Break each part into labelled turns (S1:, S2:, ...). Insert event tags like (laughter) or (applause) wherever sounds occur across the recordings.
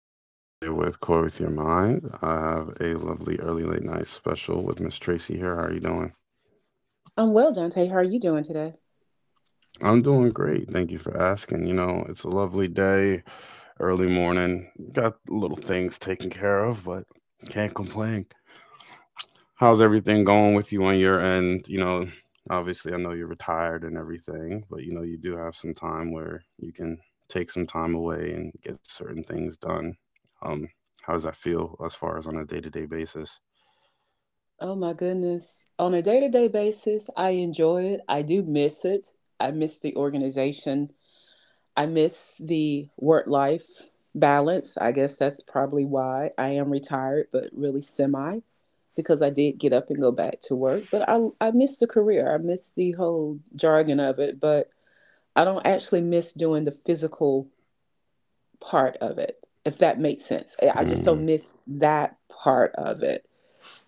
S1: This is Dante with Core with Your Mind. I have a lovely early late night special with Miss Tracy here. How are you doing?
S2: I'm well, Dante. How are you doing today?
S1: I'm doing great. Thank you for asking. You know, it's a lovely day, early morning. Got little things taken care of, but can't complain. How's everything going with you on your end? You know, obviously, I know you're retired and everything, but you know, you do have some time where you can take some time away and get certain things done. Um, how does that feel as far as on a day to day basis?
S2: Oh my goodness. On a day to day basis, I enjoy it. I do miss it. I miss the organization. I miss the work life balance. I guess that's probably why I am retired, but really semi, because I did get up and go back to work. But I miss the career. I miss the whole jargon of it, but I don't actually miss doing the physical part of it, if that makes sense. I
S1: Mm,
S2: I just don't miss that part of it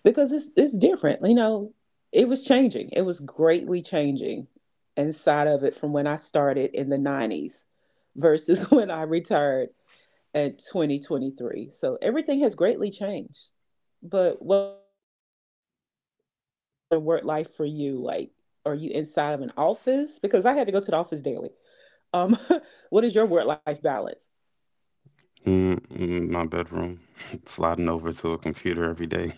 S2: because it's different. You know, it was changing. It was greatly changing inside of it from when I started in the 90s versus (laughs) when I retired at 2023. So everything has greatly changed. But what about for you? What about in the work life for you? Like, are you inside of an office? Because I had to go to the office daily. Um, (laughs) what is your work life balance?
S1: my bedroom, (laughs) sliding over to a computer every day.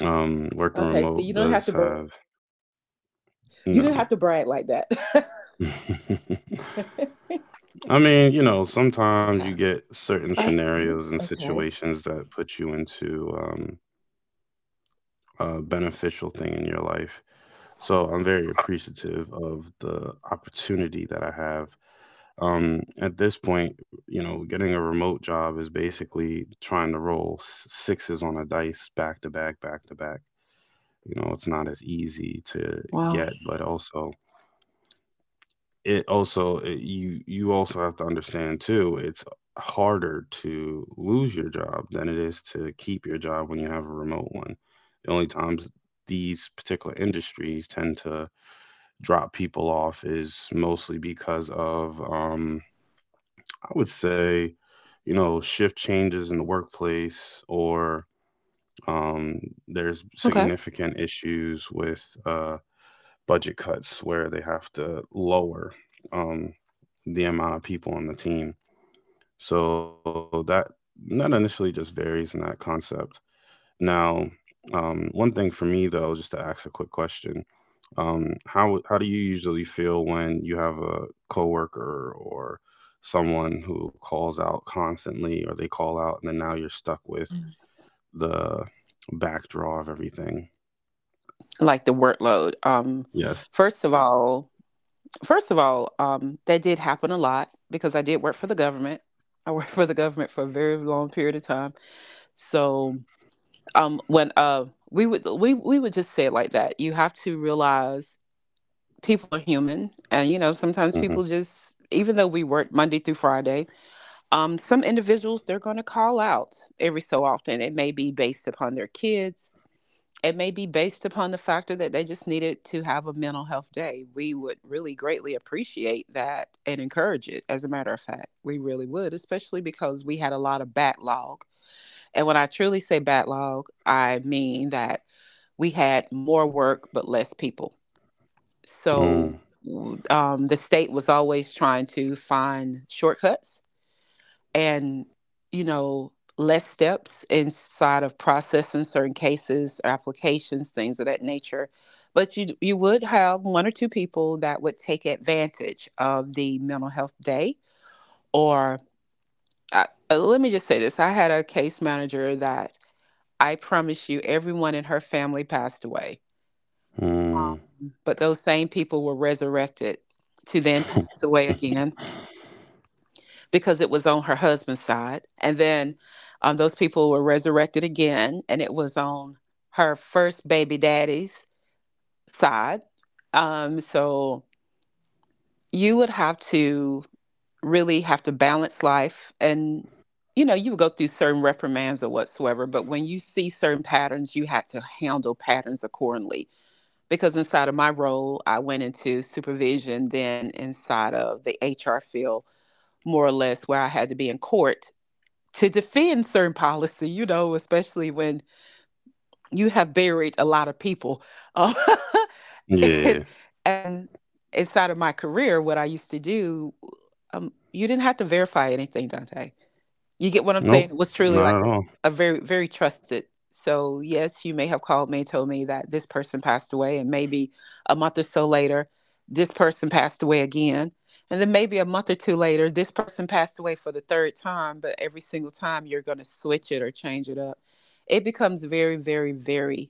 S1: Working remote
S2: Okay, so you
S1: does
S2: don't have to
S1: have
S2: brag like that. (laughs) You, you didn't
S1: no.
S2: have to brag like that.
S1: (laughs) I mean, you know,
S2: (laughs)
S1: sometimes
S2: Okay.
S1: you get certain
S2: Okay.
S1: scenarios and
S2: Okay.
S1: situations that put you into a beneficial thing in your life. So I'm very appreciative of the opportunity that I have. At this point, you know, getting a remote job is basically trying to roll sixes on a dice back to back, back to back. You know, it's not as easy to
S2: Wow.
S1: get, but also it, you also have to understand too, it's harder to lose your job than it is to keep your job when you have a remote one. The only times these particular industries tend to drop people off
S2: Yeah.
S1: is mostly because of, I would say, you know, shift changes in the workplace, or um there's
S2: Okay.
S1: significant issues with, budget cuts where they have to lower um, the amount of people on the team. So that initially just varies in that concept. Now, one thing for me though, just to ask a quick question, um, how do you usually feel when you have a coworker or someone who calls out constantly, or they call out, and then now you're stuck with the backdraw of everything?
S2: Like the workload.
S1: Yes.
S2: First of all, first of all, that did happen a lot because I did work for the government. I worked for the government for a very long period of time. So, when we would just say it like that. You have to realize people are human, and you know sometimes
S1: Mm-hmm.
S2: people just even though we work Monday through Friday, some individuals they're going to call out every so often. It may be based upon their kids. It may be based upon the factor that they just needed to have a mental health day. We would really greatly appreciate that and encourage it, as a matter of fact. We really would, especially because we had a lot of backlog. And when I truly say backlog, I mean that we had more work but less people. So the state was always trying to find shortcuts and you know less steps inside of processing certain cases applications things of that nature but you would have one or two people that would take advantage of the mental health day or let me just say this. I had a case manager that I promise you everyone in her family passed away.
S1: Mm-hmm.
S2: um, but those same people were resurrected to then pass away
S1: (laughs)
S2: again because it was on her husband's side. And then those people were resurrected again, and it was on her first baby daddy's side. So you would have to really have to balance life and you know you would go through certain reprimands or whatsoever but when you see certain patterns you had to handle patterns accordingly because inside of my role I went into supervision then inside of the HR field more or less where I had to be in court to defend certain policy, you know, especially when you have buried a lot of people. Uh, (laughs)
S1: Yeah.
S2: it, and inside of my career, what I used to do, you didn't have to verify anything, Dante. You get
S1: Nope.
S2: what I'm saying? It was
S1: Not at
S2: truly
S1: all.
S2: like a very, very trusted. So, yes, you may have called me and told me that this person passed away, and maybe a month or so later, this person passed away again. And then maybe a month or two later, this person passed away for the third time, but every single time you're going to switch it or change it up. It becomes very, very, very,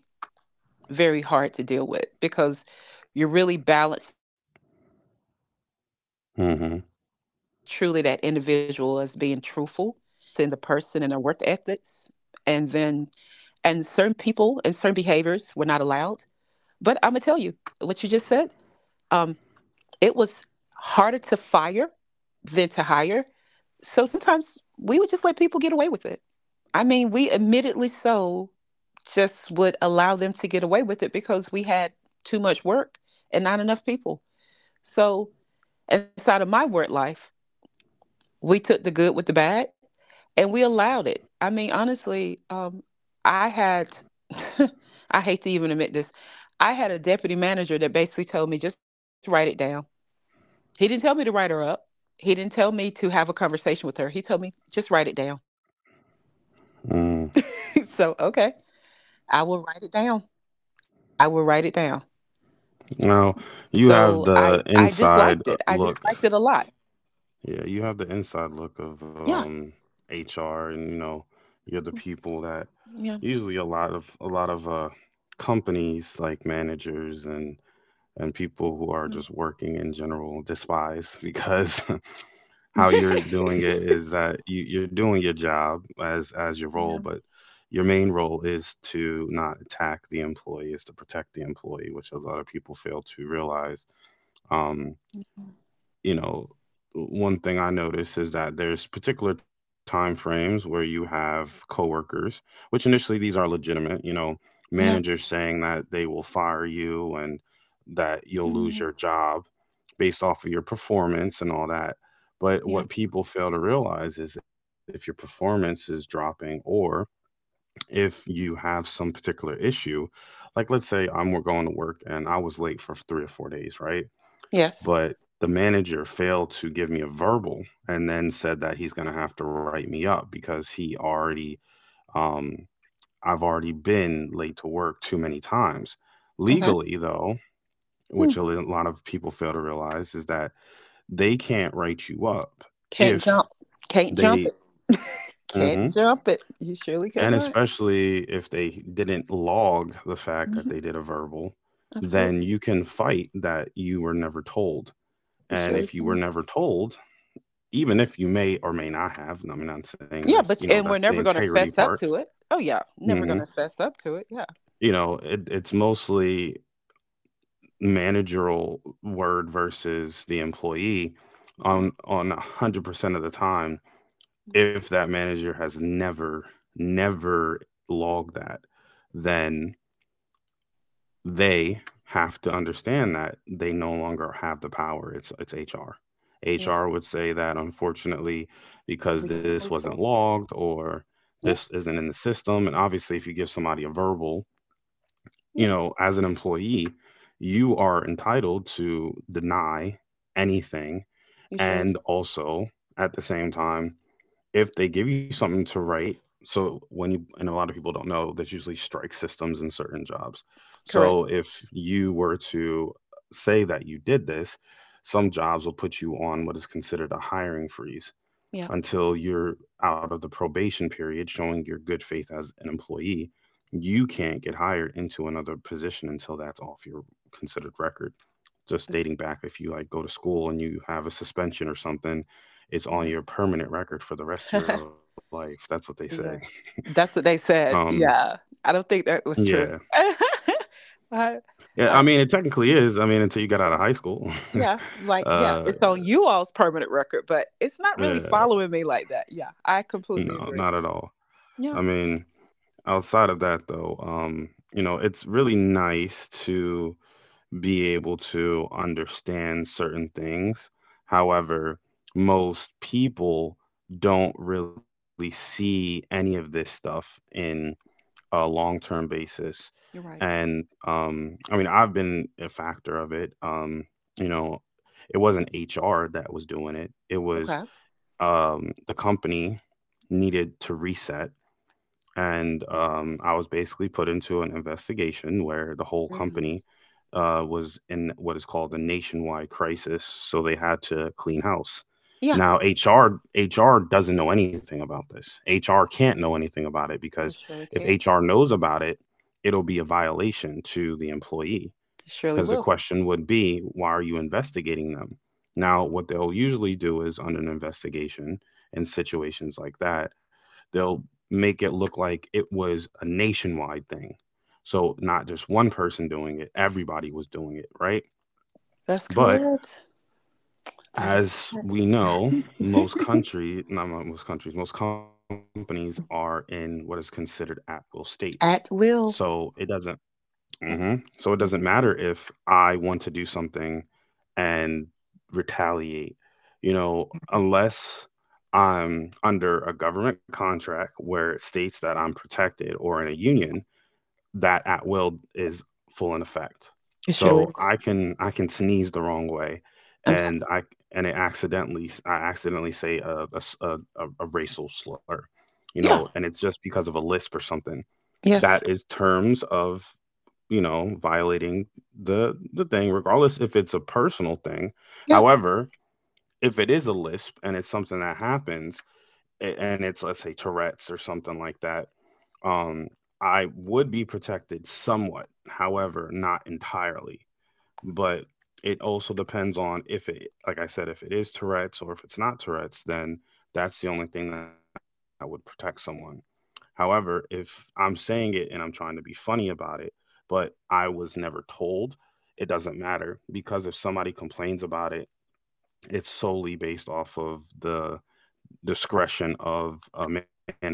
S2: very hard to deal with because you're really balancing the person and their work ethics.
S1: Hmm.
S2: And then truly, that individual is being truthful and certain people and certain behaviors were not allowed. But I'm gonna tell you what you just said. Um, it was harder to fire than to hire. So sometimes we would just let people get away with it. I mean, we admittedly so just would allow them to get away with it because we had too much work and not enough people. So inside of my work life, we took the good with the bad and we allowed it. I mean, honestly, I had, (laughs) I hate to even admit this, I had a deputy manager that basically told me just write it down. He didn't tell me to write her up. He didn't tell me to have a conversation with her. He told me just write it down.
S1: Mm.
S2: (laughs) So okay, I will write it down. I will write it down.
S1: Now
S2: So
S1: you
S2: I
S1: have
S2: I
S1: the
S2: disliked it. I
S1: inside
S2: disliked it a
S1: look.
S2: lot.
S1: Yeah, you have the inside look of
S2: Yeah,
S1: HR, and you know, you're the people that
S2: yeah,
S1: usually a lot of companies, like managers and people who are just
S2: yeah,
S1: working in general, despise (laughs) because (laughs) how you're doing
S2: (laughs)
S1: it is that you're doing your job as your role, but
S2: yeah,
S1: your main role is to not attack the employee, is to protect the employee, which a lot of people fail to realize. Um, you know, one thing I notice is that there's particular time frames where you have coworkers, which initially these are legitimate, you know, managers
S2: yeah.
S1: saying that they will fire you and that you'll lose your
S2: Mhm.
S1: job based off of your performance and all that. But what
S2: Yeah.
S1: people fail to realize is if your performance is dropping, or if you have some particular issue, like let's say I'm going to work and I was late for 3 or 4 days, right?
S2: Yes.
S1: But the manager failed to give me a verbal, and then said that he's going to have to write me up because he already, um, I've already been late to work too many times.
S2: Okay.
S1: Legally though,
S2: Hmm.
S1: which a lot of people fail to realize is that they can't write you up
S2: Can't
S1: if
S2: jump. Can't
S1: they.
S2: jump it.
S1: Mhm.
S2: Can't jump it. You surely
S1: And
S2: cannot.
S1: especially if they didn't log the fact that
S2: Mhm.
S1: they did a verbal, then
S2: Absolutely.
S1: you can fight that you were never told.
S2: You
S1: And
S2: surely
S1: if you were
S2: can.
S1: never told, even if you may or may not have, I mean, I'm saying there's,
S2: Yeah,
S1: you
S2: but
S1: know,
S2: and
S1: that's
S2: we're
S1: the
S2: never going to
S1: integrity
S2: fess
S1: part.
S2: up to it. Oh yeah, never going
S1: Hmm.
S2: to fess up to it. Yeah.
S1: You know, it's mostly managerial word versus the employee
S2: Yeah.
S1: on 100% of the time. If that manager has never, never logged that, then they have to understand that they no longer have the power. It's HR.
S2: Yeah,
S1: HR would say that, unfortunately, because
S2: we
S1: this
S2: can't move
S1: wasn't
S2: forward.
S1: logged, or this
S2: Yeah.
S1: isn't in the system. And obviously if you give somebody a verbal, you
S2: Yeah.
S1: know, as an employee, you are entitled to deny anything.
S2: You surely
S1: And also, at the same time, if they give you something to write, so when you, and a lot of people don't know, there's usually strike systems in certain jobs. So
S2: correct.
S1: if you were to say that you did this, some jobs will put you on what is considered a hiring freeze
S2: Yeah.
S1: until you're out of the probation period, showing your good faith as an employee. You can't get hired into another position until that's off your considered record. Just
S2: it's-
S1: dating back, if you like go to school and you have a suspension or something, it's on
S2: Yeah.
S1: your permanent record for the rest of your
S2: (laughs)
S1: life, that's what they say.
S2: Yeah. That's what they
S1: Um,
S2: said. Yeah. I don't think that
S1: yeah.
S2: was true. (laughs) I
S1: Yeah, I mean it
S2: I
S1: technically is, I mean, until you get out of high school.
S2: yeah,
S1: (laughs)
S2: like yeah,
S1: uh
S2: it's on you all's permanent record, but it's not really
S1: yeah,
S2: following me like that. Yeah, I
S1: no,
S2: completely
S1: not at
S2: agree.
S1: all. I
S2: Yeah.
S1: mean, outside of that though, you know, it's really nice to be able to understand certain things. However, most people don't really see any of this stuff in a long term basis.
S2: You're right.
S1: And I mean, I've been a factor of it. You know, it wasn't HR that was doing it, it
S2: Okay.
S1: was the company needed to reset, and
S2: Mm,
S1: I was basically put into an investigation where the whole
S2: mm.
S1: company was in what is called a nationwide crisis, so they had to clean house.
S2: Yeah,
S1: Now HR doesn't know anything about this. HR can't know anything about it because
S2: it surely
S1: if
S2: can.
S1: HR knows about it, it'll be a violation to the employee,
S2: It surely
S1: because the
S2: will.
S1: question would be, why are you investigating them? Now, what they'll usually do is on an investigation in situations like that, they'll make it look like it was a nationwide thing. So, not just one person doing it, everybody was doing it, right?
S2: That's
S1: But
S2: correct. That is
S1: as we know, most
S2: (laughs)
S1: country, not most countries, most companies are in what is considered at will states.
S2: at
S1: So it
S2: will.
S1: doesn't, mhm, so it doesn't matter if I want to do something and retaliate. You know, unless I'm under a government contract where it states that I'm protected, or in a union, that at will is full in effect.
S2: It surely
S1: So I
S2: is.
S1: can I can sneeze the wrong way,
S2: I'm s-
S1: and I and it accidentally, I accidentally say a s- a racial slur, you know,
S2: yeah.
S1: and it's just because of a lisp or something.
S2: Yes.
S1: That is terms of, you know, violating the thing, regardless if it's a personal thing.
S2: Yeah.
S1: However, if it is a lisp and it's something that happens, and it's, let's say, Tourette's or something like that, um, I would be protected somewhat. However, not entirely. But it also depends on if it, like I said, if it is Tourette's or if it's not Tourette's, then that's the only thing that would protect someone. However, if I'm saying it and I'm trying to be funny about it, but I was never told, it doesn't matter, because if somebody complains about it, it's solely based off of the discretion of a manager.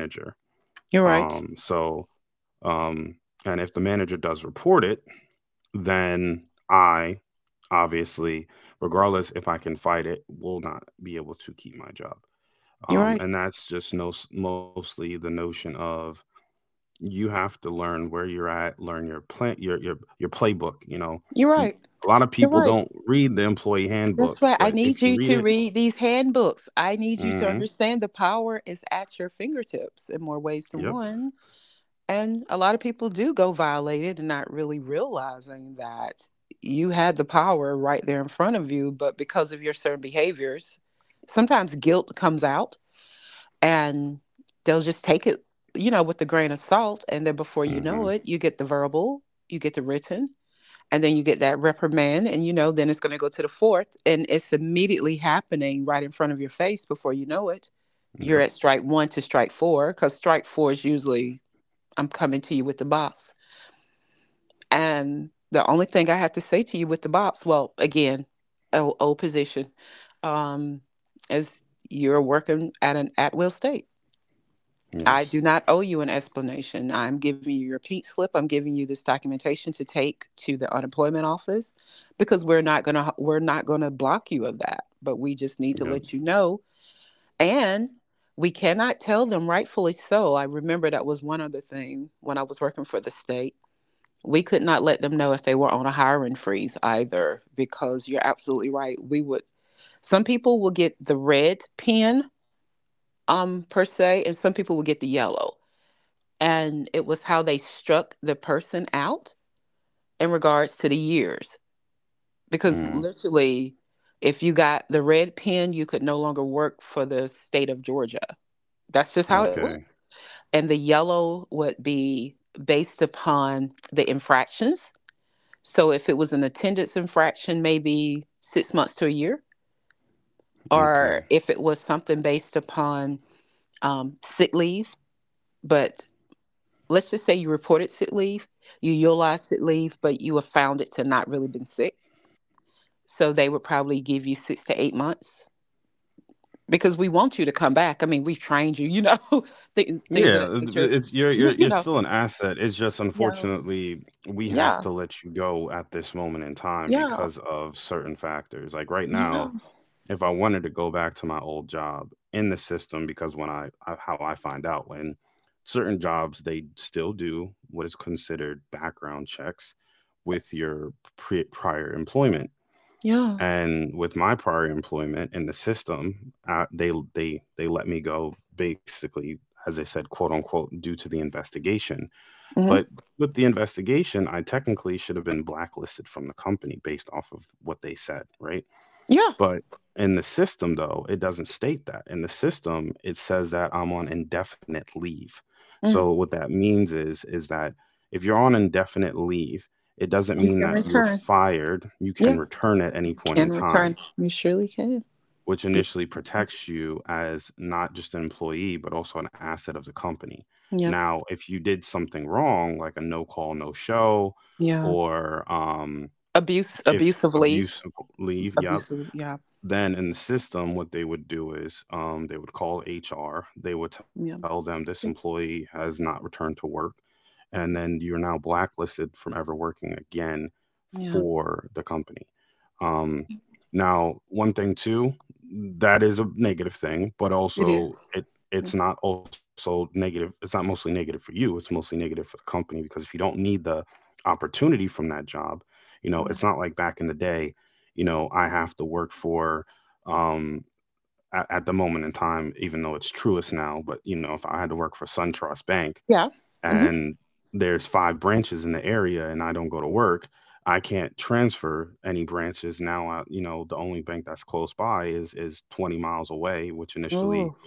S2: You're
S1: Um,
S2: right.
S1: so, um, and if the manager does report it, then I, obviously, regardless if I can fight it, will not be able to keep my job.
S2: You're right.
S1: And that's just no, mostly the notion of you have to learn where you're at, learn your plan, your playbook. You know,
S2: You're
S1: you,
S2: right.
S1: a lot of
S2: You're
S1: people
S2: right.
S1: don't read the employee
S2: That's why
S1: handbook,
S2: I
S1: but
S2: need
S1: if
S2: you
S1: you
S2: to
S1: read it,
S2: read these handbooks. I need you to
S1: hmm,
S2: understand the power is at your fingertips in more ways than
S1: yep,
S2: one. And a lot of people do go violated and not really realizing that you had the power right there in front of you, but because of your certain behaviors, sometimes guilt comes out and they'll just take it, you know, with a grain of salt. And then before you know it,
S1: hmm,
S2: you get the verbal, you get the written, and then you get that reprimand and you know then it's going to go to the fourth and it's immediately happening right in front of your face before you know it you're at
S1: yep,
S2: strike one to strike four because strike four is usually I'm coming to you with the box and the only thing I have to say to you with the box, well, again, old, old position, um, is you're working at an at-will state. I do
S1: yes,
S2: not owe you an explanation. I'm giving you your pink slip. I'm giving you this documentation to take to the unemployment office because we're not going to block you of that, but we just need to
S1: yep,
S2: let you know. And we cannot tell them rightfully so. I remember that was one other thing when I was working for the state. We could not let them know if they were on a hiring freeze either because you're absolutely right. We would some people will get the red pen per se and some people will get the yellow and it was how they struck the person out in regards to the years because
S1: mm,
S2: literally if you got the red pen you could no longer work for the state of Georgia, that's just how it
S1: okay,
S2: was. And the yellow would be based upon the infractions, so if it was an attendance infraction maybe 6 months to a year or
S1: okay.
S2: if it was something based upon sick leave. But let's just say you reported sick leave, you utilized sick leave, but you were found it to not really been sick. So they would probably give you 6 to 8 months because we want you to come back. I mean, we've trained you, you know, (laughs) things of
S1: Yeah,
S2: that nature.
S1: it's, you're you're
S2: You,
S1: you're
S2: you
S1: still
S2: know,
S1: an asset. It's just,
S2: yeah,
S1: unfortunately, we have to
S2: yeah,
S1: let you go at this moment in time
S2: yeah,
S1: because of certain factors. Like right
S2: yeah,
S1: now, if I wanted to go back to my old job in the system, because when I how I find out when certain jobs, they still do what is considered background checks with your prior employment,
S2: yeah,
S1: and with my prior employment in the system, they let me go basically, as I said, quote unquote, due to the investigation. But
S2: hmm,
S1: with the investigation, I technically should have been blacklisted from the company based off of what they said, right?
S2: yeah.
S1: But in the system, though, it doesn't state that. In the system, it says that I'm on indefinite leave. So
S2: Mm.
S1: what that means is that if you're on indefinite leave, it doesn't
S2: You
S1: mean
S2: can
S1: that you're
S2: return.
S1: fired. You
S2: Yeah,
S1: can return at any
S2: you
S1: point
S2: can
S1: in
S2: return.
S1: time,
S2: You surely can.
S1: which
S2: You-
S1: initially protects you as not just an employee, but also an asset of the company.
S2: Yep.
S1: Now, if you did something wrong, like a no call, no show,
S2: Yeah.
S1: or
S2: Abuse, abuse
S1: if
S2: of leave,
S1: abuse of leave, yep,
S2: abuse of yeah,
S1: then in the system, what they would do is they would call HR. They would tell
S2: yeah,
S1: them this employee has not returned to work, and then you're now blacklisted from ever working again
S2: yeah.
S1: for the company. Um, now, one thing too, that is a negative thing, but
S2: It
S1: also
S2: is.
S1: it
S2: Yeah.
S1: it's not also negative. It's not mostly negative for you. It's mostly negative for the company because if you don't need the opportunity from that job, it's
S2: Yeah.
S1: not like back in the day, I have to work for. Um, at the moment in time, even though it's truest now, but you know, if I had to work for SunTrust Bank,
S2: Yeah. Hmm.
S1: and there's five branches in the area and I don't go to work, I can't transfer any branches. Now I, the only bank that's close by is 20 miles away, which initially
S2: Oh,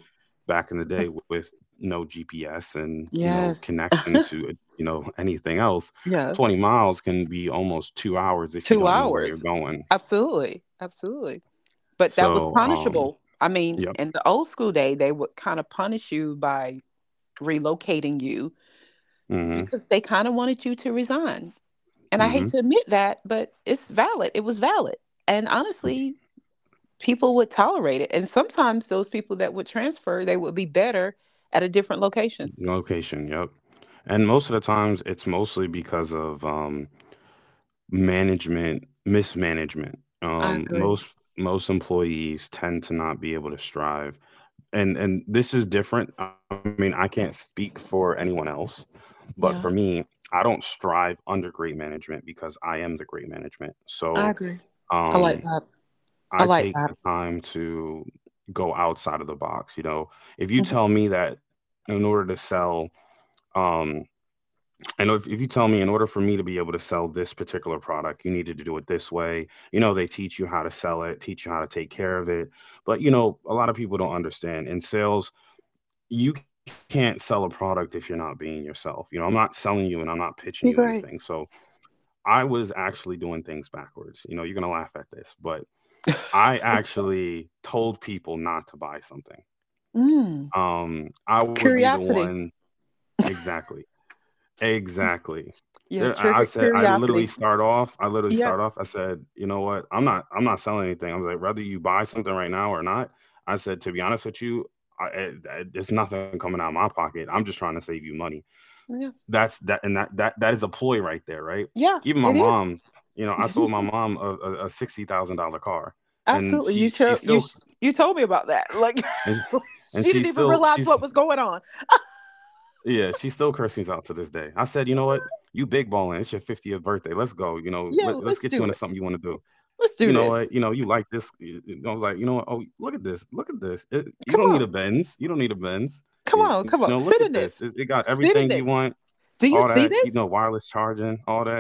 S1: back in the day with no GPS and no
S2: yes.
S1: connection to, you know, anything else,
S2: Yeah.
S1: 20 miles can be almost 2 hours if you
S2: Two
S1: don't know where you're
S2: hours.
S1: going.
S2: Absolutely. Absolutely. But that was
S1: So, um
S2: punishable. I mean,
S1: yep.
S2: in the old school day, they would kind of punish you by relocating you
S1: Mhm.
S2: because they kind of wanted you to resign. And I hate
S1: mm
S2: to admit that, but it's valid. It was valid. And
S1: Mhm.
S2: honestly, people would tolerate it. And sometimes those people that would transfer, they would be better at a different location.
S1: Location, yep. And most of the times it's mostly because of management mismanagement.
S2: I agree.
S1: Most employees tend to not be able to strive, and this is different. I mean, I can't speak for anyone else, but for
S2: Yeah,
S1: me, I don't strive under great management because I am the great management.
S2: I agree. I
S1: Um
S2: like that. I
S1: I
S2: like
S1: take the
S2: that.
S1: time to go outside of the box. You know, if you tell
S2: Mhm.
S1: me that in order to sell, um I know if, you tell me in order for me to be able to sell this particular product, you needed to do it this way, you know, they teach you how to sell it, teach you how to take care of it. But, you know, a lot of people don't understand. In sales, you can't sell a product if you're not being yourself. You know, I'm not selling you and I'm not pitching you
S2: You're
S1: anything.
S2: great.
S1: So I was actually doing things backwards. You know, you're going to laugh at this, but I actually told people not to buy something.
S2: Mm,
S1: I would be the
S2: curiosity.
S1: one. Exactly. Exactly.
S2: Yeah,
S1: There, I
S2: triggered
S1: said, I literally
S2: curiosity.
S1: start off.
S2: Yeah,
S1: I said, you know what? I'm not selling anything. I was like, whether you buy something right now or not. I said, to be honest with you, I, I, there's nothing coming out of my pocket. I'm just trying to save you money.
S2: yeah,
S1: That's that, and that that that is a ploy right there, right?
S2: yeah.
S1: Even my
S2: It is
S1: mom, you know, I sold
S2: (laughs)
S1: my mom a $60,000 car, and
S2: absolutely.
S1: she
S2: You
S1: she
S2: show you
S1: still
S2: sh- You told me about that. Like
S1: and,
S2: (laughs)
S1: and
S2: she
S1: she
S2: didn't even
S1: still
S2: realize
S1: she's
S2: what was going on.
S1: yeah, she still curses out to this day. I said, you know what? You big balling. It's your 50th birthday. Let's go. You know, let's
S2: Yeah,
S1: get you into
S2: let's
S1: something you
S2: do it.
S1: want to do. You
S2: Let's
S1: know
S2: do
S1: what? You
S2: this.
S1: know, you like this. I was like, you know what? Oh, look at this. It, you
S2: Come
S1: don't need a
S2: on,
S1: Benz.
S2: come
S1: You know,
S2: on,
S1: look
S2: come
S1: at
S2: on.
S1: this.
S2: Sit in
S1: It got
S2: this.
S1: everything you
S2: Sit in
S1: want,
S2: this.
S1: all
S2: Do you
S1: that, you
S2: see
S1: know,
S2: this?
S1: wireless charging, all that.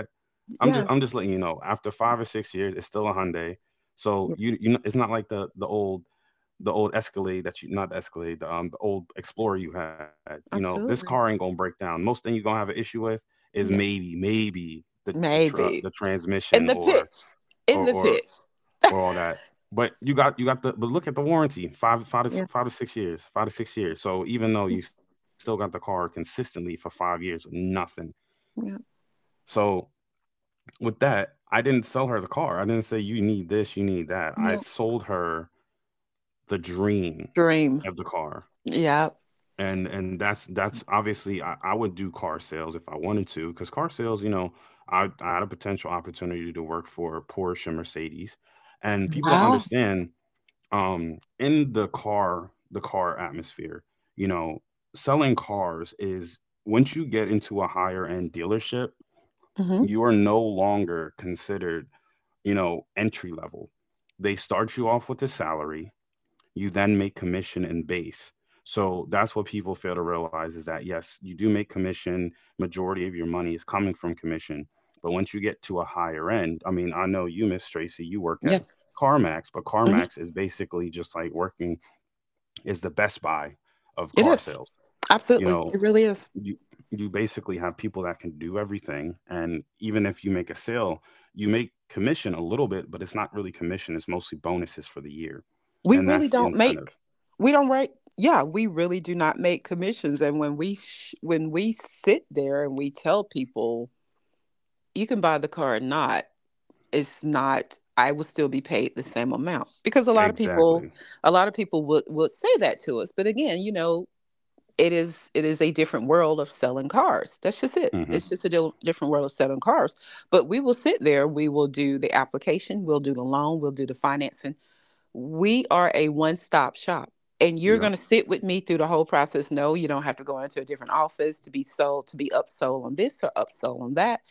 S1: I'm
S2: Yes.
S1: just letting you know. After 5 or 6 years, it's still a Hyundai. So
S2: Yeah.
S1: you know, it's not like the old Escalade that you not the Escalade, the old Explorer you had. You know, this car ain't gonna
S2: Absolutely.
S1: break down. Most thing you're gonna have an issue with is
S2: Yeah.
S1: maybe the
S2: Maybe
S1: transmission
S2: in the pitch. In
S1: or
S2: the
S1: or
S2: pitch.
S1: or all that. But you got the, but look at the warranty.
S2: Yeah.
S1: 5 to 6 years, so even though you still got the car consistently for 5 years with nothing,
S2: Yeah.
S1: so with that I didn't sell her the car. I didn't say you need this, you need that. I
S2: No.
S1: sold her the dream
S2: Dream.
S1: of the car.
S2: Yeah.
S1: And that's obviously, I would do car sales if I wanted to because car sales, you know, I had a potential opportunity to work for Porsche and Mercedes, and people don't
S2: Wow.
S1: understand, in the car atmosphere, you know, selling cars is, once you get into a higher end dealership,
S2: Mm-hmm.
S1: you are no longer considered, you know, entry level. They start you off with a salary, you then make commission and base. So that's what people fail to realize is that yes, you do make commission, majority of your money is coming from commission. But once you get to a higher end, I mean, I know you, Miss Tracy, you work at
S2: Yeah.
S1: CarMax, but
S2: Mhm.
S1: CarMax is basically just like working, is the Best Buy of
S2: It
S1: car
S2: is.
S1: sales. You
S2: Absolutely.
S1: know,
S2: It really is.
S1: you you basically have people that can do everything, and even if you make a sale, you make commission a little bit, but it's not really commission, it's mostly bonuses for the year.
S2: We
S1: And
S2: really
S1: that's the
S2: don't
S1: incentive.
S2: make we don't write yeah, we really do not make commissions. And when we sit there and we tell people you can buy the car or not, it's not I will still be paid the same amount because a lot of people
S1: Exactly.
S2: a lot of people would say that to us. But again, it is a different world of selling cars. That's just it.
S1: Mhm.
S2: It's just a different world of selling cars. But we will sit there, we will do the application, we'll do the loan, we'll do the financing. We are a one-stop shop, and you're going
S1: Yep.
S2: to sit with me through the whole process. No, you don't have to go into a different office to be sold, to be upsold on this or upsold on that.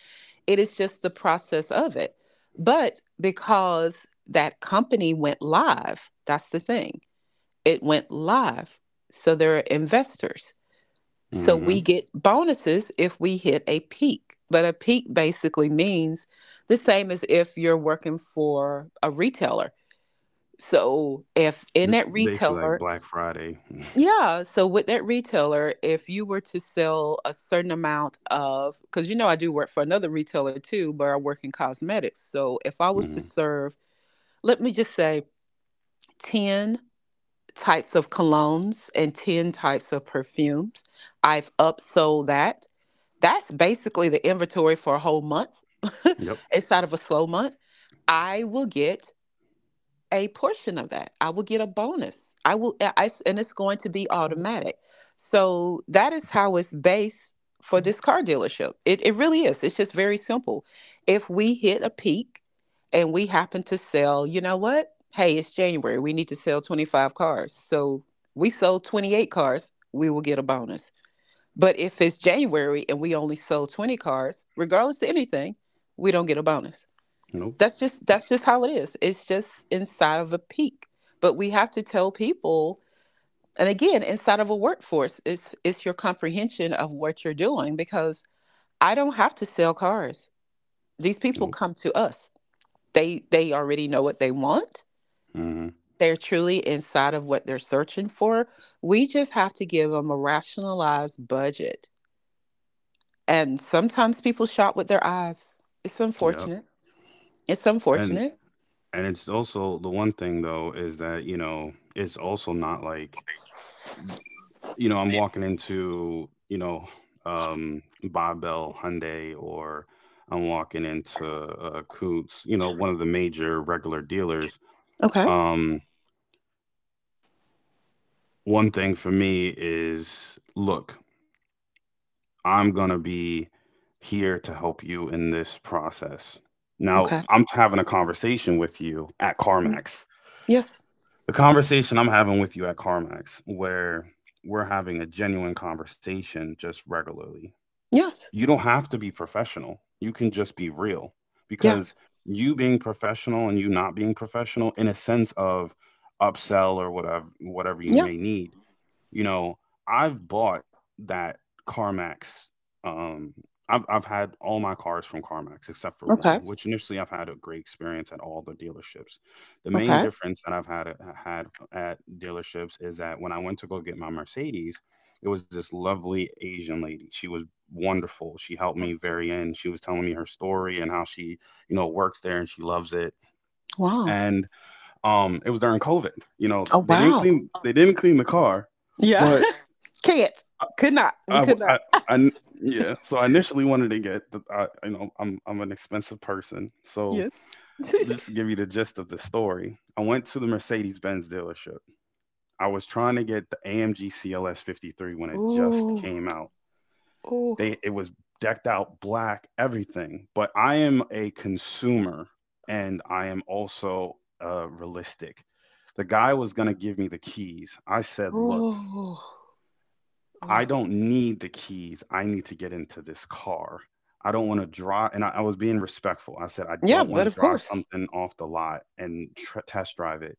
S2: It is just the process of it. But because that company went live, that's the thing. It went live, so there are investors. So
S1: Mhm.
S2: we get bonuses if we hit a peak, but a peak basically means the same as if you're working for a retailer. So if in
S1: It's
S2: that
S1: basically like
S2: retailer,
S1: Black Friday. (laughs)
S2: yeah, so with that retailer, if you were to sell a certain amount of, because I do work for another retailer too, but I work in cosmetics. So if I was to
S1: Mhm.
S2: serve, let me just say 10 types of colognes and 10 types of perfumes, I've upsold that. That's basically the inventory for a whole month
S1: Yep.
S2: (laughs) inside of a slow month. I will get a portion of that. I will get a bonus. And it's going to be automatic. So that is how it's based for this car dealership. It really is. It's just very simple. If we hit a peak and we happen to sell, you know what? Hey, it's January. We need to sell 25 cars. So we sold 28 cars. We will get a bonus. But if it's January and we only sold 20 cars, regardless of anything, we don't get a bonus.
S1: Nope.
S2: That's just how it is. It's just inside of a peak. But we have to tell people. And again, inside of a workforce, it's your comprehension of what you're doing because I don't have to sell cars. These people
S1: Nope.
S2: come to us. They already know what they want.
S1: Mhm.
S2: They're truly inside of what they're searching for. We just have to give them a rationalized budget. And sometimes people shop with their eyes. It's
S1: Yep.
S2: unfortunate. It's
S1: And
S2: unfortunate.
S1: and it's also the one thing though is that, you know, it's also not like, you know, I'm walking into, you know, Barbell Hyundai or I'm walking into Coots, you know, one of the major regular dealers.
S2: Okay.
S1: Um one thing for me is look, I'm gonna be here to help you in this process. Now,
S2: Okay.
S1: I'm having a conversation with you at CarMax.
S2: Yes,
S1: The conversation I'm having with you at CarMax, where we're having a genuine conversation just regularly.
S2: yes.
S1: You don't have to be professional. You can just be real
S2: Yeah.
S1: because you being professional and you not being professional in a sense of upsell or whatever you
S2: Yeah.
S1: may need, you know, I've bought that CarMax. Um, I've had all my cars from CarMax except for one,
S2: Okay.
S1: which initially I've had a great experience at all the dealerships. The main
S2: Okay.
S1: difference that had at dealerships is that when I went to go get my Mercedes, it was this lovely Asian lady. She was wonderful. She helped me very end. She was telling me her story and how she, you know, works there and she loves it.
S2: Wow.
S1: And it was during COVID. You know,
S2: Oh, wow.
S1: they didn't clean the car,
S2: Yeah.
S1: but
S2: (laughs) Can't. Could not.
S1: I,
S2: We
S1: w-
S2: could not.
S1: I n- yeah. So I initially wanted to get the, you know, I'm an expensive person. So
S2: Yes. (laughs)
S1: just to give you the gist of the story, I went to the Mercedes Benz dealership. I was trying to get the AMG CLS 53 when it just
S2: Ooh.
S1: came out.
S2: Ooh.
S1: They it was decked out black, everything. But I am a consumer, and I am also realistic. The guy was gonna give me the keys. I said, "Look."
S2: Ooh.
S1: I
S2: Ooh.
S1: don't need the keys. I need to get into this car. I don't want to drive. And I was being respectful. I said, I
S2: Yeah,
S1: don't want
S2: but
S1: to
S2: of
S1: drive
S2: course.
S1: something off the lot and test drive it.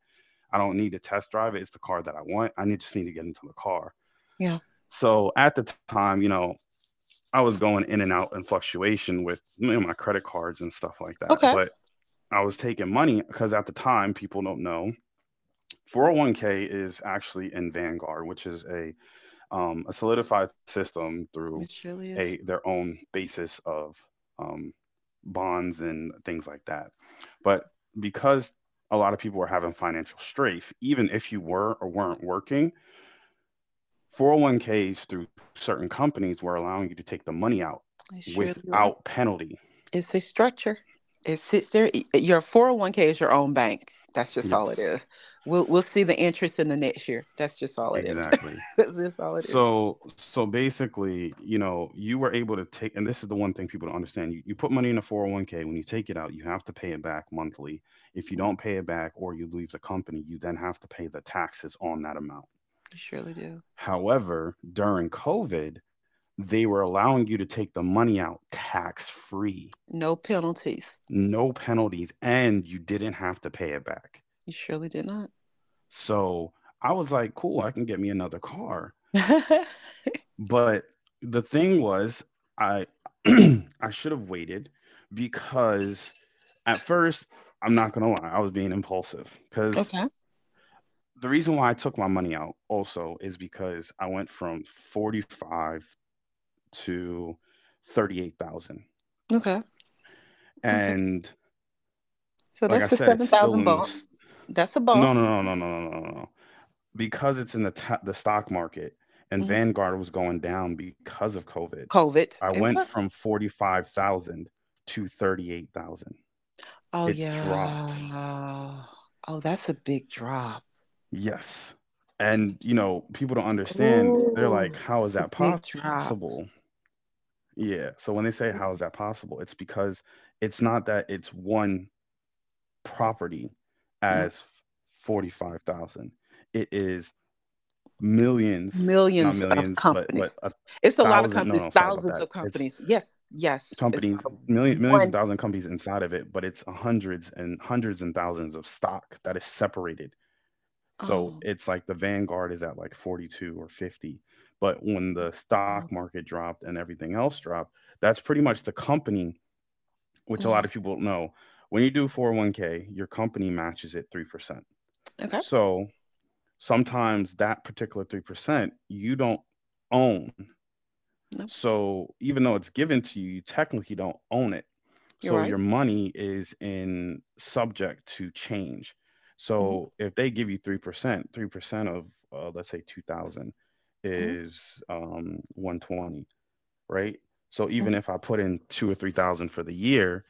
S1: I don't need to test drive it. It's the car that I want. Just need to get into the car.
S2: Yeah.
S1: So at the time, you know, I was going in and out and fluctuation with, you know, my credit cards and stuff like that.
S2: Okay.
S1: But I was taking money because at the time, people don't know, 401k is actually in Vanguard, which is a solidified system through
S2: It surely
S1: a
S2: is.
S1: their own basis of um, bonds and things like that. But because a lot of people were having financial strafe, even if you were or weren't working, 401ks through certain companies were allowing you to take the money out
S2: It surely you
S1: without
S2: are.
S1: penalty.
S2: It's a structure. It sits there. Your 401k is your own bank. That's just all it
S1: Yes,
S2: is. We'll see the interest in the next year. That's just all it is.
S1: exactly.
S2: (laughs) That's just all it is.
S1: So so basically, you know, you were able to take, and this is the one thing people don't understand. You put money in a 401k, when you take it out, you have to pay it back monthly. If you
S2: Mm.
S1: don't pay it back or you leave the company, you then have to pay the taxes on that amount.
S2: You surely do.
S1: However, during COVID, they were allowing you to take the money out tax free,
S2: No penalties.
S1: no penalties, and you didn't have to pay it back.
S2: You surely did not.
S1: So I was like, cool, I can get me another car.
S2: (laughs)
S1: But the thing was, I (clears throat) I should have waited because at first, I'm not gonna lie, I was being impulsive. Because
S2: Okay.
S1: the reason why I took my money out also is because I went from 45 to 38,000.
S2: Okay. Okay.
S1: And
S2: So
S1: like I
S2: that's the
S1: said, it's
S2: seven
S1: still
S2: thousand
S1: in
S2: bump.
S1: this.
S2: That's a bump.
S1: No, no, no, no, no, no, no, no. no. Because it's in the stock market and
S2: Hmm.
S1: Vanguard was going down because of COVID, I
S2: COVID. It
S1: went from
S2: was.
S1: 45,000 to 38,000.
S2: Oh
S1: It dropped.
S2: yeah. Oh, that's a big drop.
S1: Yes. And, you know, people don't understand. They're like,
S2: Oh,
S1: how is
S2: that's a
S1: that
S2: big
S1: possible?
S2: drop.
S1: Yeah. So when they say, how is that possible? It's because it's not that it's one property
S2: No,
S1: as 45,000. It is millions, not
S2: millions of
S1: millions, but
S2: companies.
S1: a
S2: It's
S1: thousand.
S2: a
S1: No,
S2: lot
S1: no,
S2: of
S1: sorry about
S2: companies,
S1: that.
S2: thousands
S1: It's
S2: of companies. Yes, yes.
S1: companies,
S2: It's not a
S1: millions, millions and thousands of
S2: one.
S1: companies inside of it, but it's hundreds and hundreds and thousands of stock that is separated. So
S2: Oh.
S1: it's like the Vanguard is at like 42 or 50. But when the stock market dropped and everything else dropped, that's pretty much the company, which a lot
S2: Mm,
S1: of people don't know. When you do 401k, your company matches it 3%.
S2: okay.
S1: So sometimes that particular 3%, you don't own.
S2: No,
S1: So even though it's given to you, you technically don't own it.
S2: you're
S1: So
S2: right.
S1: your money is in subject to change.
S2: Mhm,
S1: So if they give you 3%, 3% of let's say 2000
S2: mhm,
S1: is 120, right? So even
S2: mhm.
S1: if I put in 2 or 3000 for the year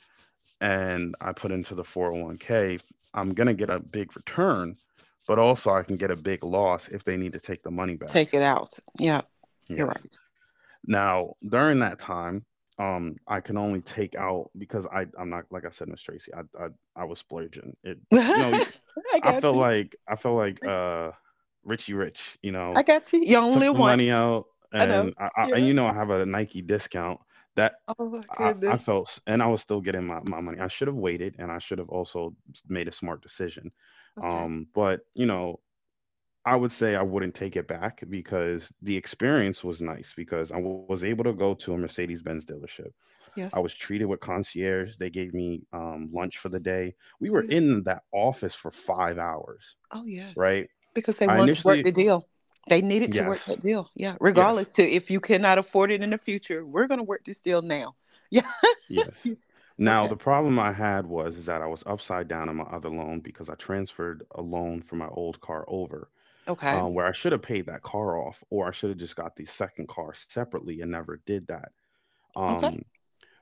S1: and I put into the 401k, I'm going to get a big return, but also I can get a big loss if they need to take the money back.
S2: Take it out. Yeah, you're
S1: Yes.
S2: right.
S1: Now, during that time, I can only take out because I'm not, like I said, Miss Tracy, I was splurging. It you know
S2: (laughs) I got you.
S1: I felt like Richie Rich. You
S2: I
S1: know,
S2: got you. You only
S1: took
S2: live
S1: the money
S2: once.
S1: out
S2: I know.
S1: and I and
S2: Yeah.
S1: you know I have a Nike discount, that.
S2: Oh my
S1: I
S2: goodness.
S1: felt and I was still getting my, my money. I should have waited and I should have also made a smart decision.
S2: Okay.
S1: Um, but you know, I would say I wouldn't take it back because the experience was nice because I was able to go to a Mercedes Benz dealership. I was
S2: Yes.
S1: treated with concierge. They gave me lunch for the day. We
S2: Oh
S1: were
S2: yeah.
S1: in that office for 5 hours,
S2: Oh yes.
S1: right?
S2: Because they
S1: I
S2: wanted to work
S1: initially,
S2: the deal. They needed to work
S1: yes,
S2: that deal. Yeah.
S1: yes,
S2: Regardless to if you cannot afford it in the future, we're gonna work this deal now. (laughs) Yeah.
S1: yes.
S2: Yeah.
S1: Now,
S2: Okay.
S1: the problem I had was is that I was upside down on my other loan because I transferred a loan from my old car over.
S2: Okay.
S1: Where I should have paid that car off, or I should have just got the second car separately and never did that.
S2: Okay.
S1: Um,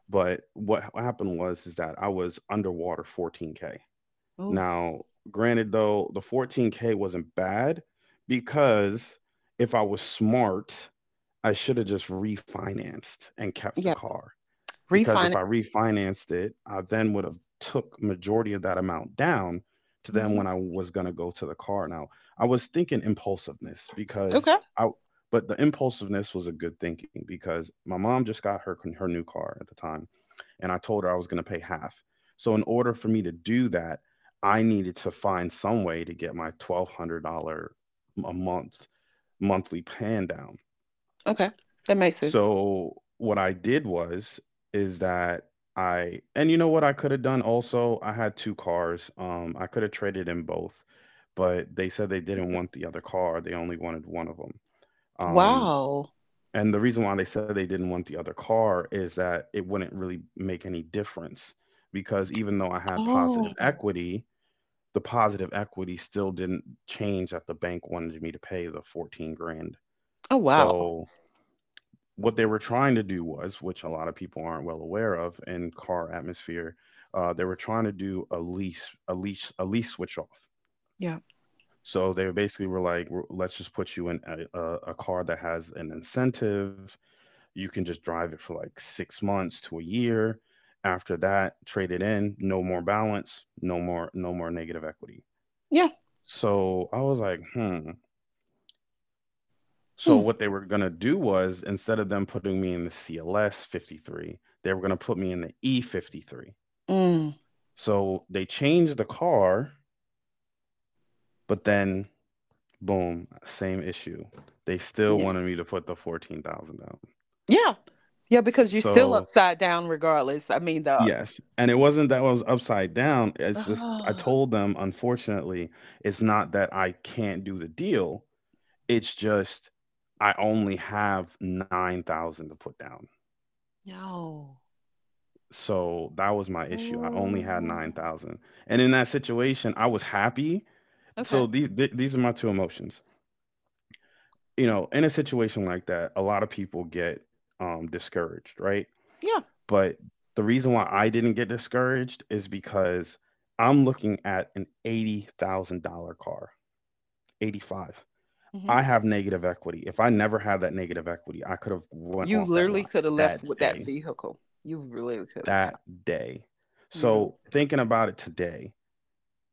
S1: But what happened was is that I was underwater 14K.
S2: Oh.
S1: Now, granted though, the 14K wasn't bad because if I was smart, I should have just refinanced and kept the
S2: Yeah.
S1: car. Because
S2: Refinance.
S1: if I refinanced it, I then would have took majority of that amount down to them
S2: Hmm.
S1: when I was going to go to the car. Now, I was thinking impulsiveness because
S2: Okay.
S1: I but the impulsiveness was a good thinking because my mom just got her new car at the time and I told her I was going to pay half. So in order for me to do that, I needed to find some way to get my $1200 a month monthly pan down.
S2: Okay. That makes sense.
S1: So what I did was is that I and you know what I could have done, also I had two cars. I could have traded in both, but they said they didn't want the other car. They only wanted one of them. Um
S2: Wow.
S1: and the reason why they said they didn't want the other car is that it wouldn't really make any difference because even though I had positive
S2: Oh.
S1: equity, the positive equity still didn't change that the bank wanted me to pay the 14 grand.
S2: Oh wow.
S1: So what they were trying to do was, which a lot of people aren't well aware of in car atmosphere, they were trying to do a lease switch off.
S2: Yeah.
S1: So they basically were like, Let's just put you in a car that has an incentive. You can just drive it for like 6 months to a year. After that, trade it in, no more balance, no more negative equity."
S2: Yeah.
S1: So I was like, hmm. So
S2: Hmm.
S1: what they were gonna do was instead of them putting me in the CLS 53, they were gonna put me in the E53.
S2: Mm.
S1: So they changed the car, but then boom, same issue. They still wanted me to put the 14,000 down.
S2: Yeah. Yeah,
S1: S-
S2: because you're still
S1: So
S2: upside down regardless. I mean, the.
S1: yes, and it wasn't that I was upside down, it's just I
S2: Oh,
S1: told them, "Unfortunately, it's not that I can't do the deal, it's just I only have 9,000 to put down."
S2: no.
S1: So, that was my issue, I only had
S2: Mm,
S1: 9,000, and in that situation, I was happy,
S2: okay.
S1: so these are my 2 emotions. You know, in a situation like that, a lot of people get, discouraged, right?
S2: Yeah.
S1: But the reason why I didn't get discouraged is because I'm looking at an $80,000 car, 85.
S2: Hmm.
S1: I have negative equity. If I never had that negative equity, I could have went
S2: You
S1: off that lot
S2: literally could have
S1: that
S2: left with that
S1: day,
S2: vehicle. You really could
S1: that
S2: have.
S1: day.
S2: You really
S1: So
S2: could have.
S1: thinking about it today,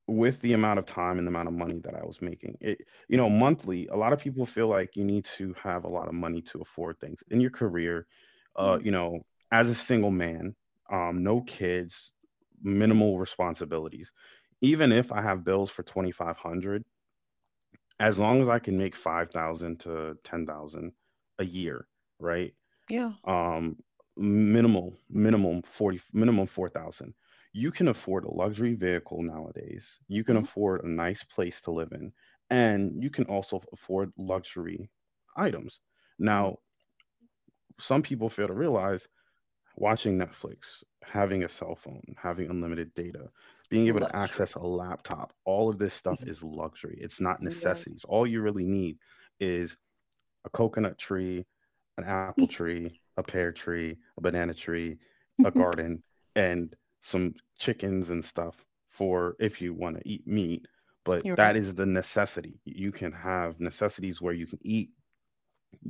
S1: with the amount of time and the amount of money that I was making, it you know monthly, a lot of people feel like you need to have a lot of money to afford things in your career. Uh,
S2: Mm,
S1: you know, as a single man, no kids, minimal responsibilities. Even if I have bills for 2,500, as long as I can make 5,000 to 10,000 a year, right?
S2: yeah.
S1: Um, minimal, minimum 4,000. You can afford a luxury vehicle nowadays. You can afford a nice place to live in, and you can also afford luxury items.
S2: Mm-hmm.
S1: Now, some people fail to realize watching Netflix, having a cell phone, having unlimited data, being able to
S2: Luxury.
S1: access a laptop, all of this stuff is
S2: Mhm.
S1: luxury. It's not
S2: You're right.
S1: necessities. All you really need is a coconut tree, an apple tree, a pear tree, a banana tree, a
S2: (laughs)
S1: garden, and some chickens and stuff for if you want to eat meat. But
S2: You're right.
S1: that is the necessity. You can have necessities where you can eat